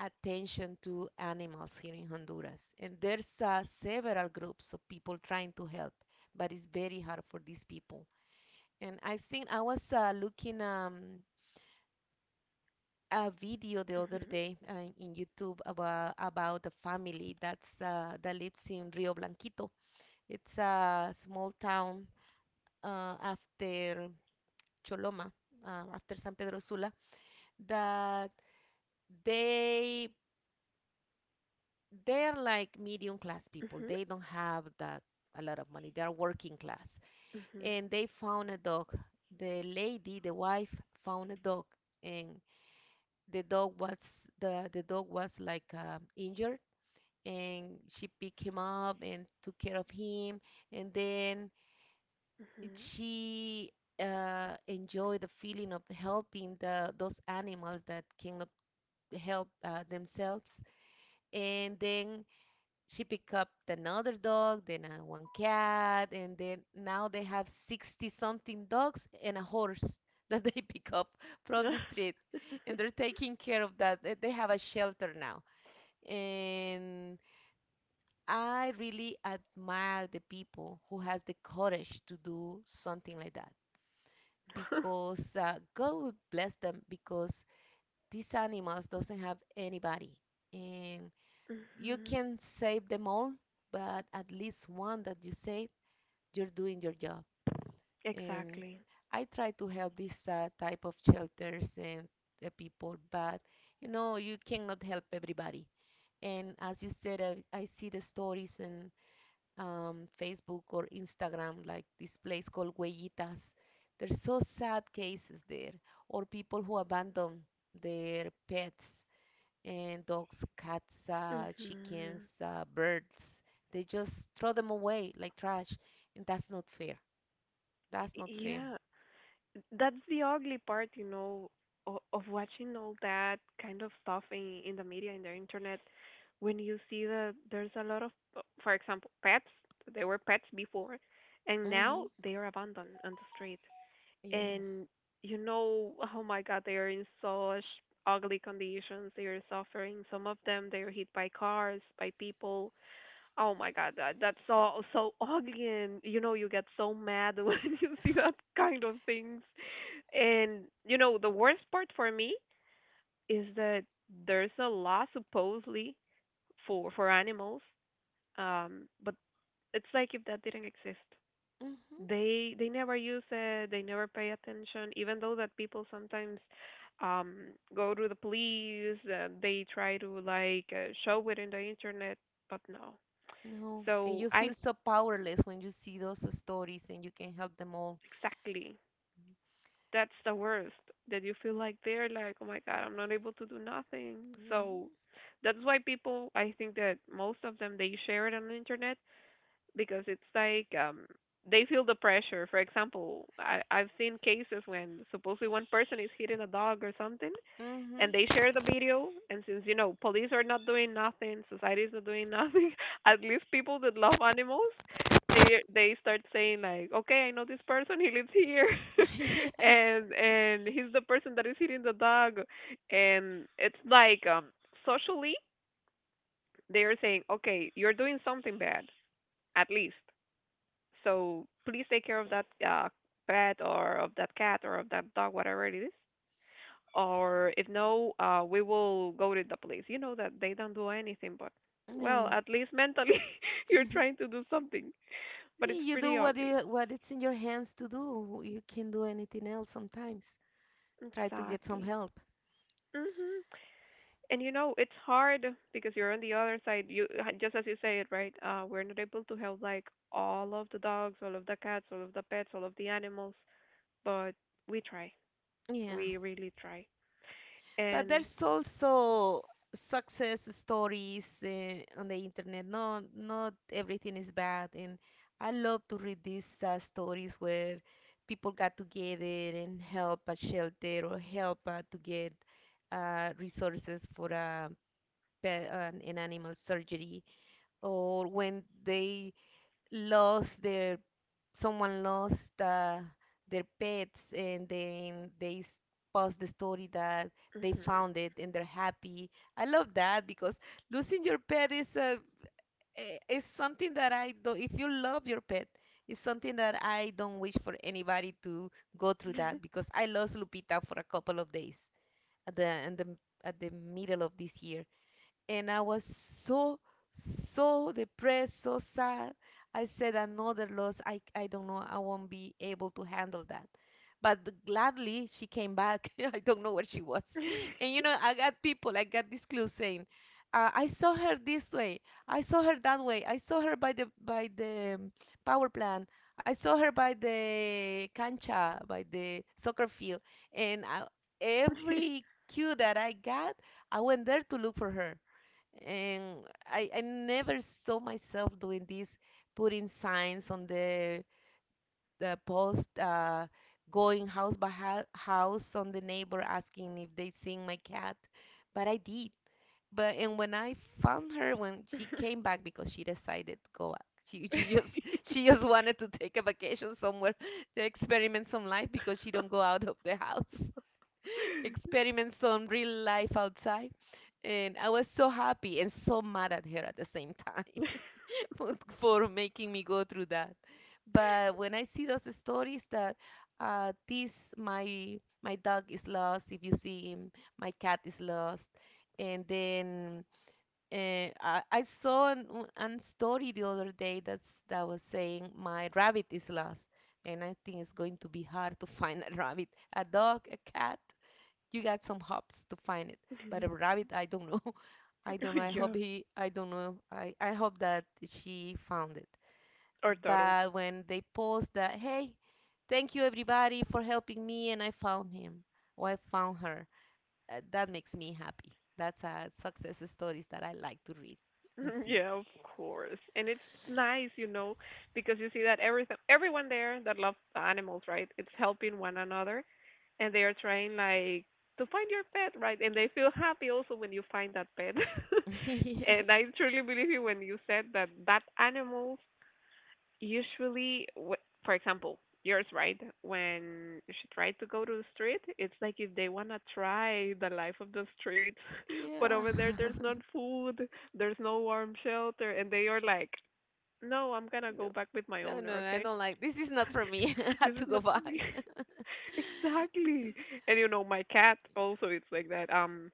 Speaker 2: Attention to animals here in Honduras. And there's several groups of people trying to help, but it's very hard for these people. And I think I was looking a video the other
Speaker 1: Mm-hmm.
Speaker 2: day in YouTube about the family that lives in Rio Blanquito. It's a small town after Choloma, after San Pedro Sula, that they they're like medium class people.
Speaker 1: Mm-hmm.
Speaker 2: They don't have that a lot of money. They're working class.
Speaker 1: Mm-hmm.
Speaker 2: And they found a dog. The lady, the wife, found a dog, and the dog was the dog was like injured, and she picked him up and took care of him. And then she enjoyed the feeling of helping the those animals that cannot help themselves. And then she picked up another dog, then one cat, and then now they have 60 something dogs and a horse that they pick up from the street. And they're taking care of that. They have a shelter now. And I really admire the people who has the courage to do something like that, because God will bless them, because these animals doesn't have anybody. And you can save them all, but at least one that you save, you're doing your job. And
Speaker 1: Exactly.
Speaker 2: I try to help this type of shelters and people, but you know you cannot help everybody. And as you said, I see the stories in Facebook or Instagram, like this place called Huellitas. There's so sad cases there, or people who abandon their pets and dogs, cats, chickens,
Speaker 1: Mm-hmm.
Speaker 2: birds. They just throw them away like trash, and that's not fair. That's not fair.
Speaker 1: Yeah, that's the ugly part, of watching all that kind of stuff in the media, in the internet, when you see that there's a lot of, for example, pets. They were pets before, and now
Speaker 2: Mm-hmm.
Speaker 1: they are abandoned on the street.
Speaker 2: Yes.
Speaker 1: And oh my God, they are in such ugly conditions. They are suffering. Some of them, they are hit by cars, by people. Oh my god, that's so so ugly, and you get so mad when you see that kind of things. And you know the worst part for me is that there's a law supposedly for animals, but it's like if that didn't exist,
Speaker 2: Mm-hmm.
Speaker 1: they never use it, they never pay attention, even though that people sometimes um go to the police, they try to like show it in the internet, but no.
Speaker 2: No. And
Speaker 1: So
Speaker 2: you
Speaker 1: I
Speaker 2: feel so powerless when you see those stories and you can help them all.
Speaker 1: exactly that's the worst that you feel like they're like oh my god I'm not able to do nothing, so
Speaker 2: Mm-hmm.
Speaker 1: that's why people I think that most of them they share it on the internet because it's like they feel the pressure. For example, I've seen cases when supposedly one person is hitting a dog or something, and they
Speaker 2: Mm-hmm.
Speaker 1: share the video, and since you know police are not doing nothing, society is not doing nothing at least people that love animals, they start saying like okay I know this person, he lives here
Speaker 2: Yes.
Speaker 1: and he's the person that is hitting the dog. And it's like socially they are saying okay you're doing something bad, at least, so please take care of that pet or of that cat or of that dog, whatever it is. Or if no, we will go to the police. You know that they don't do anything, but well,
Speaker 2: No.
Speaker 1: at least mentally you're trying to do something. But it's
Speaker 2: See, you do
Speaker 1: pretty
Speaker 2: what
Speaker 1: ugly.
Speaker 2: you what it's in your hands to do. You can not do anything else sometimes. Try to get some
Speaker 1: Exactly.
Speaker 2: help.
Speaker 1: Mhm. And you know it's hard because you're on the other side. You just as you say it, right? We're not able to help like all of the dogs, all of the cats, all of the pets, all of the animals, but we try.
Speaker 2: Yeah.
Speaker 1: We really try.
Speaker 2: But
Speaker 1: And
Speaker 2: there's also success stories on the internet. No, not everything is bad, and I love to read these stories where people got together and help a shelter or help to get resources for a pet, an animal surgery, or when they lost their someone lost their pets and then post the story that they
Speaker 1: mhm.
Speaker 2: found it and they're happy. I love that because losing your pet is a is something that I do not. If you love your pet, it's something that I don't wish for anybody to go through that, because I lost Lupita for a couple of days at at the, at the middle of this year, and I was so so depressed, so sad. I said another loss. I don't know. I won't be able to handle that. But gladly she came back. I don't know where she was. And you know, I got people. I got this clue saying, I saw her this way. I saw her that way. I saw her by the power plant. I saw her by the cancha, by the soccer field. And every cue that I got, I went there to look for her, and I never saw myself doing this, putting signs on the post, going house by house on the neighbor asking if they seen my cat, but I did. But and when I found her, when she came back, because she decided to go back. She just she just wanted to take a vacation somewhere to experiment some life because she don't go out of the house. Experiments on real life outside. And I was so happy and so mad at her at the same time for, for making me go through that. But when I see those stories that this my dog is lost, if you see him, my cat is lost, and then I saw an story the other day that was saying my rabbit is lost, and I think it's going to be hard to find a rabbit, a dog, a cat. You got some hopes to find it, but a rabbit, I don't know. I don't know. I hope
Speaker 1: Yeah,
Speaker 2: he, I don't know. I hope that she found it.
Speaker 1: or turtle.
Speaker 2: But when they post that, hey, thank you everybody for helping me, and I found him or I found her, that makes me happy. That's a success stories that I like to read and see.
Speaker 1: Yeah, of course. And it's nice, you know, because you see that everything everyone there that loves animals, right? It's helping one another and they are trying like to find your pet, right? And they feel happy also when you find that pet. And I truly believe you when you said that that animals usually for example yours, right, when she tried to go to the street, it's like if they want to try the life of the street.
Speaker 2: Yes.
Speaker 1: But
Speaker 2: Yeah.
Speaker 1: over there there's not food, there's no warm shelter, and they are like no, I'm gonna go back with my
Speaker 2: No,
Speaker 1: owner,
Speaker 2: no, no, I
Speaker 1: okay.
Speaker 2: don't like this is not for me. I
Speaker 1: This
Speaker 2: had to
Speaker 1: is
Speaker 2: go
Speaker 1: not for me.
Speaker 2: back.
Speaker 1: Exactly. And you know my cat also, it's like that.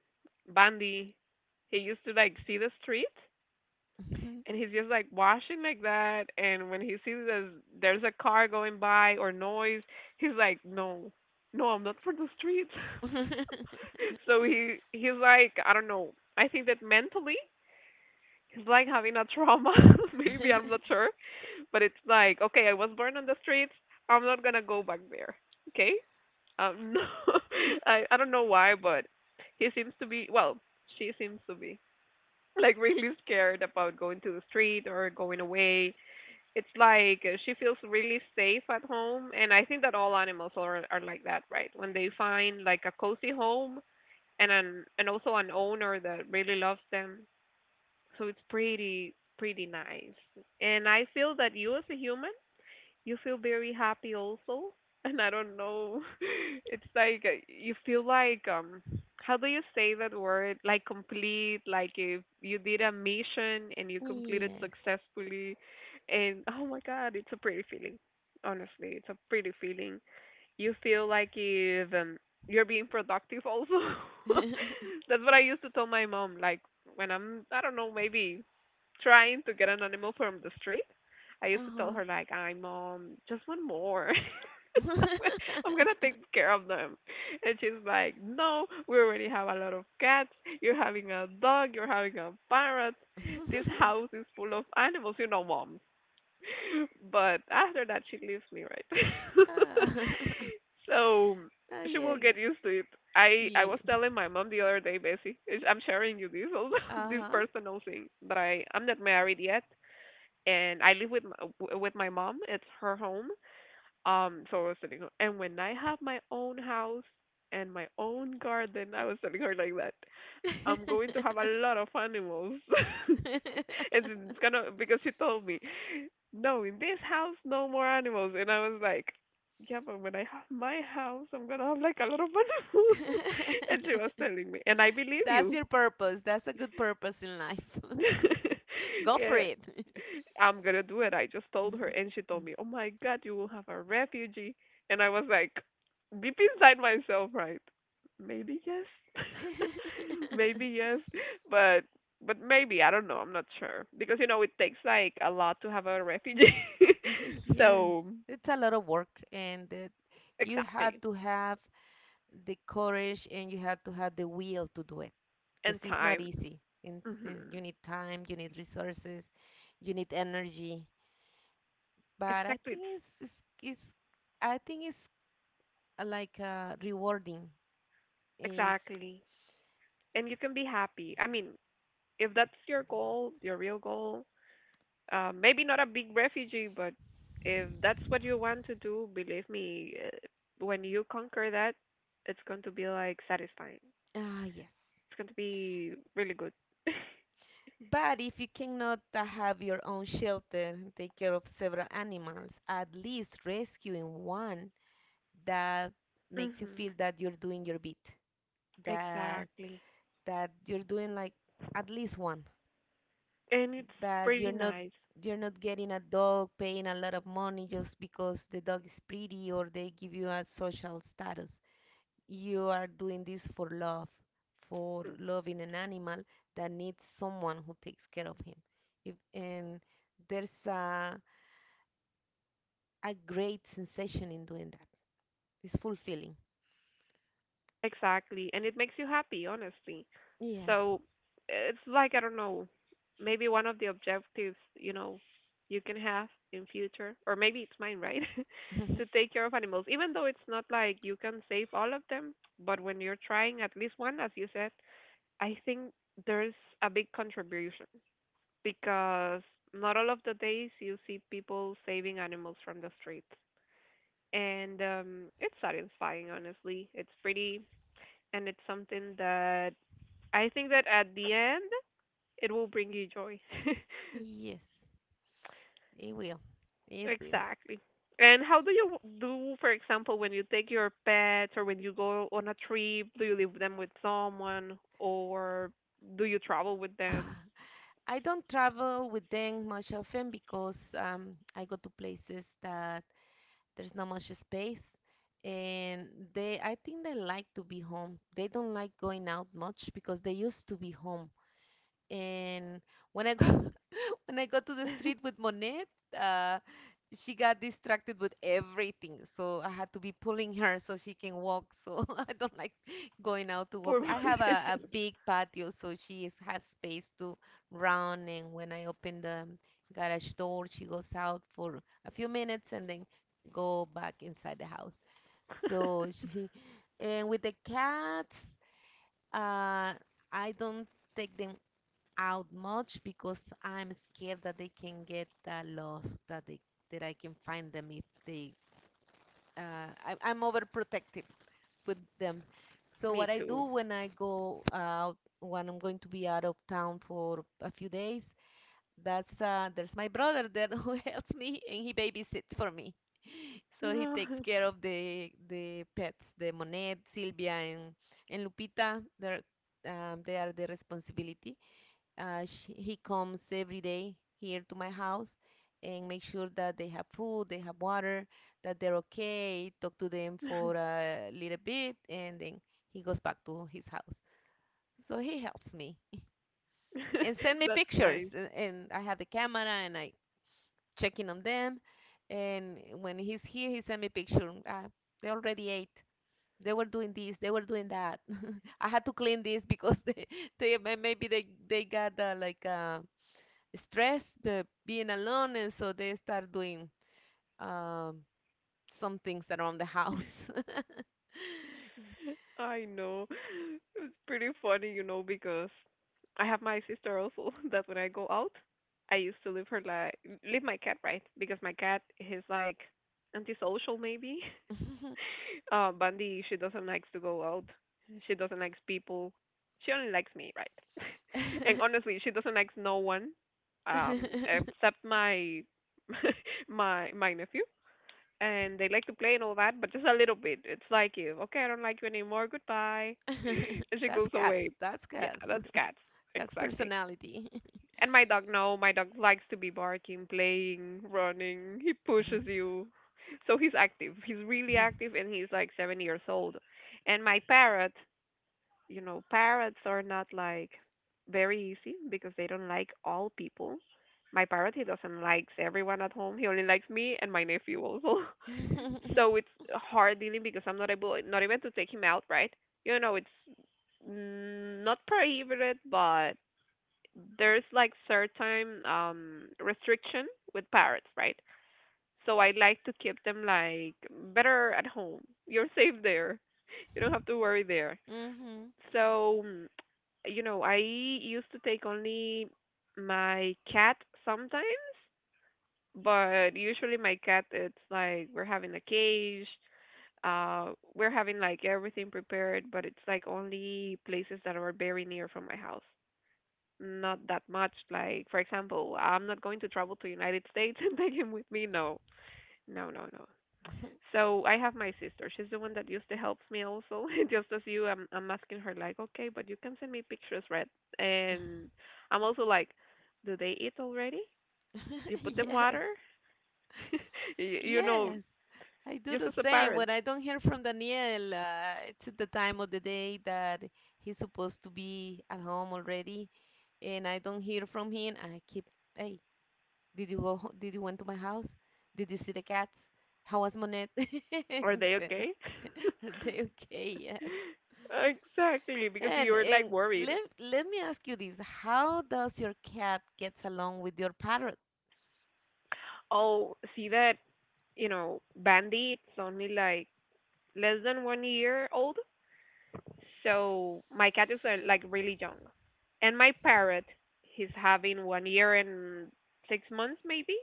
Speaker 1: Bandy, he used to like see the street, and he's just like washing like that, and when he sees there's a car going by or noise, he's like no, no, I'm not for the streets. So he's like I don't know, I think that mentally he's like having a trauma. Maybe I'm not sure, but it's like okay, I was born on the streets, I'm not gonna go back there, okay. No. I don't know why, but he seems to be, well, she seems to be like really scared about going to the street or going away. It's like she feels really safe at home, and I think that all animals are like that, right, when they find like a cozy home and an and also an owner that really loves them. So it's pretty pretty nice. And I feel that you as a human, you feel very happy also. And I don't know. It's like you feel like how do you say that word, like complete, like if you did a mission and you completed
Speaker 2: Yes.
Speaker 1: successfully, and oh my god, it's a pretty feeling, honestly, it's a pretty feeling. You feel like you've you're being productive also. That's what I used to tell my mom. Like when I'm, I don't know, maybe trying to get an animal from the street, I used to tell
Speaker 2: Uh-huh.
Speaker 1: her like, "I mom, just one more." I'm gonna take care of them, and she's like, "No, we already have a lot of cats. You're having a dog. You're having a parrot. This house is full of animals. You know, mom." But after that she leaves me, right.
Speaker 2: Ah,
Speaker 1: So
Speaker 2: ah,
Speaker 1: she
Speaker 2: yeah,
Speaker 1: will get used to it. I was
Speaker 2: yeah.
Speaker 1: telling my mom the other day, basically I'm sharing you this also, this
Speaker 2: Uh-huh.
Speaker 1: personal thing, but I'm not married yet, and I live with my, with my mom, it's her home. So I was telling her, and when I have my own house and my own garden, I was telling her like that, I'm going to have a lot of animals. And it's gonna, because she told me no, in this house, no more animals. And I was like, yeah, but when I have my house, I'm gonna have like a lot of animals. And she was telling me, and I believe
Speaker 2: That's
Speaker 1: you.
Speaker 2: your purpose. That's a good purpose in life. Go for
Speaker 1: Yeah,
Speaker 2: it.
Speaker 1: I'm gonna do it. I just told her, and she told me, oh my god, you will have a refugee. And I was like, deep inside myself, right? Maybe yes, maybe yes, but but maybe I don't know. I'm not sure because you know it takes like a lot to have a refugee.
Speaker 2: Yes,
Speaker 1: So
Speaker 2: it's a lot of work, and that you had
Speaker 1: Exactly.
Speaker 2: to have the courage and you have to have the will to do it,
Speaker 1: And
Speaker 2: because it's not
Speaker 1: time.
Speaker 2: easy. And
Speaker 1: Hmm.
Speaker 2: you need time, you need resources, you need energy. But I
Speaker 1: Exactly. It's,
Speaker 2: think it's I think it's like rewarding if
Speaker 1: exactly. And you can be happy. I mean, if that's your goal, your real goal, maybe not a big refugee, but if that's what you want to do, believe me, when you conquer that, it's going to be like satisfying. It's
Speaker 2: ah yes.
Speaker 1: going to be really good.
Speaker 2: But if you cannot have your own shelter and take care of several animals, at least rescuing one that makes you
Speaker 1: Hmm.
Speaker 2: feel that you're doing your bit, that
Speaker 1: Exactly.
Speaker 2: that you're doing like at least one,
Speaker 1: And it's
Speaker 2: that
Speaker 1: pretty
Speaker 2: you're not,
Speaker 1: nice.
Speaker 2: you're not getting a dog paying a lot of money just because the dog is pretty or they give you a social status. You are doing this for love, for loving an animal that needs someone who takes care of him, if, and there's a, a great sensation in doing that. It's fulfilling.
Speaker 1: Exactly, and it makes you happy, honestly.
Speaker 2: Yes.
Speaker 1: So it's like I don't know, maybe one of the objectives, you know, you can have in future, or maybe it's mine, right? To take care of animals, even though it's not like you can save all of them, but when you're trying at least one, as you said, I think there's a big contribution because not all of the days you see people saving animals from the streets. And it's satisfying, honestly. It's pretty, and it's something that I think that at the end it will bring you joy.
Speaker 2: Yes. It will. It will.
Speaker 1: Exactly. And how do you do, for example, when you take your pets or when you go on a trip, do you leave them with someone or do you travel with them?
Speaker 2: I don't travel with them much often because I go to places that there's not much space, and they I think they like to be home. They don't like going out much because they used to be home. And when I go when I go to the street with Monet, uh, she got distracted with everything, so I had to be pulling her so she can walk. So I don't like going out to walk.
Speaker 1: Poor
Speaker 2: I have
Speaker 1: Bobby.
Speaker 2: a big patio, so has space to run. And when I open the garage door, she goes out for a few minutes and then go back inside the house. So she and with the cats, uh, I don't take them out much because I'm scared that they can get lost, that they that I can find them if they. I'm overprotective with them. So
Speaker 1: Me
Speaker 2: what I
Speaker 1: too.
Speaker 2: do when I go out, when I'm going to be out of town for a few days, that's there's my brother there who helps me, and he babysits for me. So he takes care of the pets, the Monet, Silvia, and Lupita. They're they are the responsibility sh he comes every day here to my house and make sure that they have food, they have water, that they're okay, talk to them for a little bit, and then he goes back to his house. So he helps me and send me
Speaker 1: That's nice.
Speaker 2: pictures, and I have the camera and I check in on them. And when he's here, he send me picture. They already ate. They were doing this. They were doing that. I had to clean this because they maybe they got like stress, the being alone, and so they start doing um, some things around the house.
Speaker 1: I know. It's pretty funny, you know, because I have my sister also that when I go out, I used to leave her like leave my cat, right, because my cat is like antisocial maybe. Bundy, she doesn't likes to go out. She doesn't likes people. She only likes me, right? And honestly, she doesn't likes no one, except my my nephew. And they like to play and all that, but just a little bit. It's like if okay, I don't like you anymore. Goodbye. She
Speaker 2: That's
Speaker 1: goes
Speaker 2: cats.
Speaker 1: away.
Speaker 2: That's
Speaker 1: Yeah,
Speaker 2: cats.
Speaker 1: that's cats.
Speaker 2: Cats
Speaker 1: Exactly.
Speaker 2: personality.
Speaker 1: And my dog, no, my dog likes to be barking, playing, running. He pushes you. So he's active. He's really active and he's like 7 years old. And my parrot, you know, parrots are not like very easy because they don't like all people. My parrot, he doesn't likes everyone at home. He only likes me and my nephew also. So it's hard dealing because I'm not able, not even to take him out, right? You know, it's mm, not prohibited, but there's like certain restriction with parrots, right? So I like to keep them like better at home. You're safe there. You don't have to worry there.
Speaker 2: hmm
Speaker 1: So, mm, you know, I used to take only my cat sometimes, but usually my cat it's like we're having a cage, we're having like everything prepared, but it's like only places that are very near from my house, not that much. Like, for example, I'm not going to travel to United States and take him with me. No, no, no, no. So I have my sister. She's the one that used to help me also, just as you. I'm asking her like, okay, but you can send me pictures, right? And I'm also like, do they eat already? You put them
Speaker 2: Yes.
Speaker 1: water, you, you know,
Speaker 2: Yes. I do
Speaker 1: just
Speaker 2: the
Speaker 1: as a
Speaker 2: same. When
Speaker 1: parent,
Speaker 2: I don't hear from Daniel, it's the time of the day that he's supposed to be at home already, and I don't hear from him. I keep, hey, did you go? Did you went to my house? Did you see the cats? How was Monet? And
Speaker 1: are
Speaker 2: he
Speaker 1: they
Speaker 2: said,
Speaker 1: okay?
Speaker 2: are they okay? Yes.
Speaker 1: Exactly, because you were like
Speaker 2: And
Speaker 1: worried.
Speaker 2: Let me ask you this. How does your cat gets along with your parrot?
Speaker 1: Oh, see that you know bandits only like less than 1 year old. So my cat are like really young. And my parrot, he's having 1 year and 6 months maybe.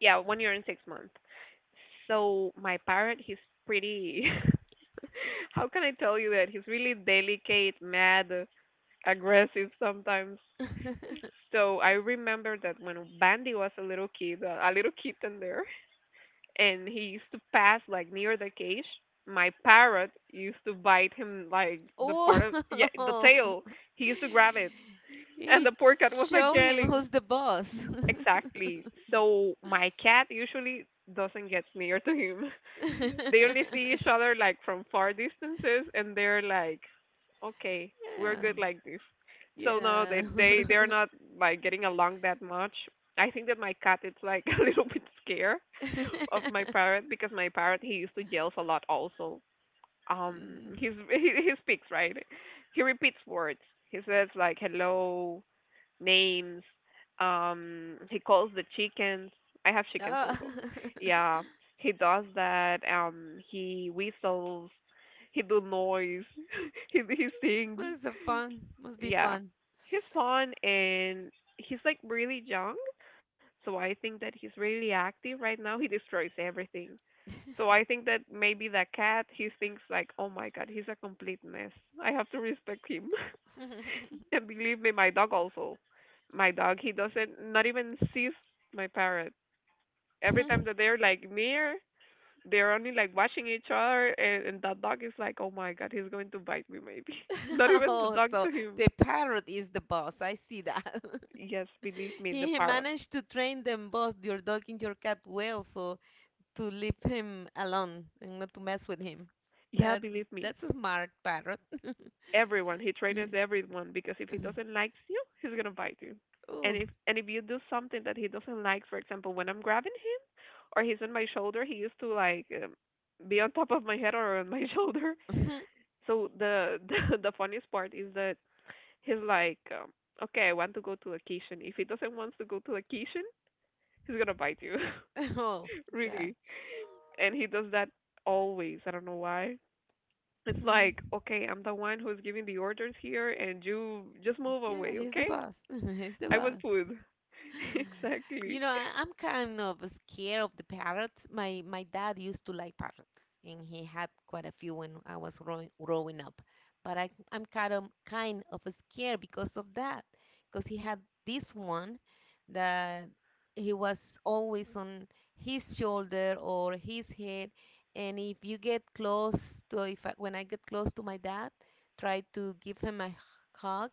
Speaker 1: Yeah, 1 year and 6 months. So my parrot, he's pretty. How can I tell you that? He's really delicate, mad, aggressive sometimes. So I remember that when Bandy was a little kid, a little kitten there, and he used to pass like near the cage. My parrot used to bite him like the
Speaker 2: Oh,
Speaker 1: part of yeah the tail. He used to grab it, and
Speaker 2: it
Speaker 1: the poor cat was like
Speaker 2: show him
Speaker 1: yelling.
Speaker 2: who's the boss.
Speaker 1: Exactly. So my cat usually doesn't get near to him. They only see each other like from far distances and they're like, okay, we're
Speaker 2: Yeah,
Speaker 1: good like this. So no,
Speaker 2: yeah.
Speaker 1: they're not like getting along that much. I think that my cat is like a little bit scared of my parrot because my parrot he used to yells a lot also.
Speaker 2: Mm.
Speaker 1: He's he speaks right, he repeats words, he says like hello, names. He calls the chickens. I have chickens
Speaker 2: Ah,
Speaker 1: also. Yeah, he does that. He whistles. He do noise. He sings.
Speaker 2: must have fun. Must be
Speaker 1: Yeah,
Speaker 2: fun.
Speaker 1: he's fun and he's like really young. So I think that he's really active right now. He destroys everything. So I think that maybe the cat he thinks like, oh my god, he's a complete mess. I have to respect him. And believe me, my dog also. My dog, he doesn't not even sees my parrot. Every time that they're like near, they're only like watching each other, and that dog is like, oh my god, he's going to bite me maybe. Not even the
Speaker 2: Oh,
Speaker 1: dog
Speaker 2: so
Speaker 1: to him.
Speaker 2: the parrot is the boss. I see that.
Speaker 1: Yes, believe me, the
Speaker 2: He
Speaker 1: parrot.
Speaker 2: managed to train them both, your dog and your cat, well, so to leave him alone and not to mess with him.
Speaker 1: Yeah,
Speaker 2: That
Speaker 1: believe me.
Speaker 2: that's a smart parrot.
Speaker 1: Everyone, he trains everyone because if he doesn't likes you, he's gonna bite you. And
Speaker 2: Oh,
Speaker 1: if and if you do something that he doesn't like, for example, when I'm grabbing him or he's on my shoulder, he used to like be on top of my head or on my shoulder. So the the funniest part is that he's like, okay, I want to go to vacation. If he doesn't want to go to vacation, he's gonna bite you,
Speaker 2: oh God.
Speaker 1: really. And he does that always. I don't know why. It's like, okay, I'm the one who's giving the orders here, and you just move
Speaker 2: Yeah,
Speaker 1: away,
Speaker 2: he's the
Speaker 1: okay?
Speaker 2: boss. He's the
Speaker 1: I
Speaker 2: boss.
Speaker 1: want food. Exactly.
Speaker 2: You know, I'm kind of scared of the parrots. My dad used to like parrots, and he had quite a few when I was growing up. But I'm kind of scared because of that, because he had this one that he was always on his shoulder or his head, and if you get close if I, when I get close to my dad, try to give him a hug,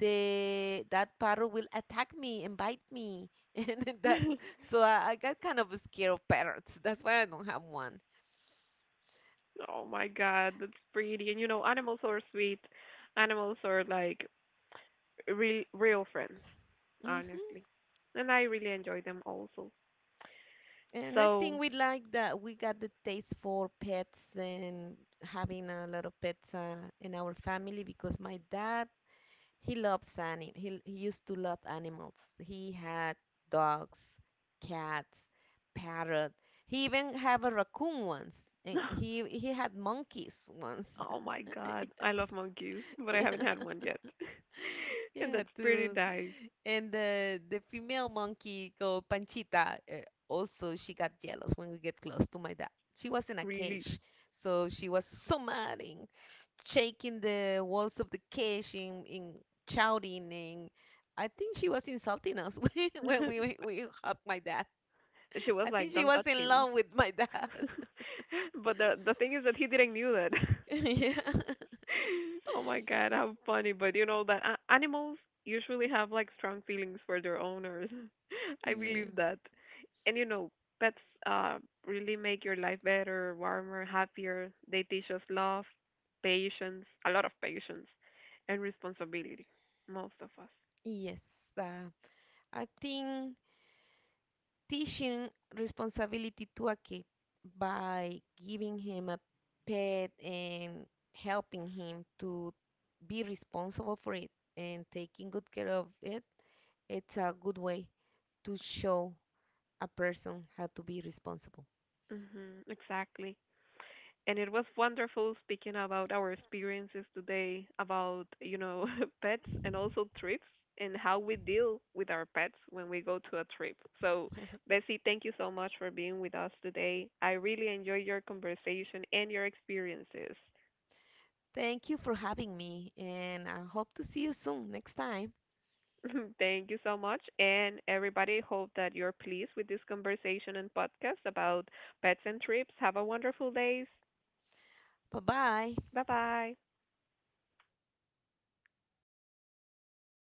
Speaker 2: the that parrot will attack me and bite me and then that so I got kind of scared of parrots. That's why I don't have one.
Speaker 1: Oh my god, that's pretty. And you know, animals are sweet. Animals are like real friends, honestly.
Speaker 2: Hmm
Speaker 1: And I really enjoy them also.
Speaker 2: And I
Speaker 1: So,
Speaker 2: think we like that we got the taste for pets and having a lot of pets in our family because my dad he used to love animals. He had dogs, cats, parrot. He even had a raccoon once, and he had monkeys once.
Speaker 1: oh my god, I love mongoose, but I
Speaker 2: Yes.
Speaker 1: haven't had
Speaker 2: Yeah.
Speaker 1: one yet. And
Speaker 2: Yeah,
Speaker 1: that's pretty
Speaker 2: to
Speaker 1: nice,
Speaker 2: and the female monkey called Panchita also she got jealous when we get close to my dad. She was in a
Speaker 1: really.
Speaker 2: cage, so she was so mad and shaking the walls of the cage, and shouting, and I think she was insulting us when we hugged my dad.
Speaker 1: She was
Speaker 2: I think
Speaker 1: like,
Speaker 2: she
Speaker 1: "Don't
Speaker 2: was
Speaker 1: touch
Speaker 2: in
Speaker 1: him."
Speaker 2: love with my dad.
Speaker 1: But the thing is that he didn't knew that.
Speaker 2: yeah.
Speaker 1: Oh my god, how funny! But you know that animals usually have like strong feelings for their owners. I
Speaker 2: Yeah.
Speaker 1: believe that. And you know, pets uh really make your life better, warmer, happier. They teach us love, patience, a lot of patience, and responsibility, most of us.
Speaker 2: Yes. Uh, I think teaching responsibility to a kid by giving him a pet and helping him to be responsible for it and taking good care of it, it's a good way to show a person how to be responsible.
Speaker 1: Mhm, exactly. And it was wonderful speaking about our experiences today about pets and also trips, and how we deal with our pets when we go to a trip. So Bessie, thank you so much for being with us today. I really enjoyed your conversation and your experiences.
Speaker 2: Thank you for having me, and I hope to see you soon next time.
Speaker 1: Thank you so much. And everybody, hope that you're pleased with this conversation and podcast about pets and trips. Have a wonderful day.
Speaker 2: Bye bye.
Speaker 1: Bye bye.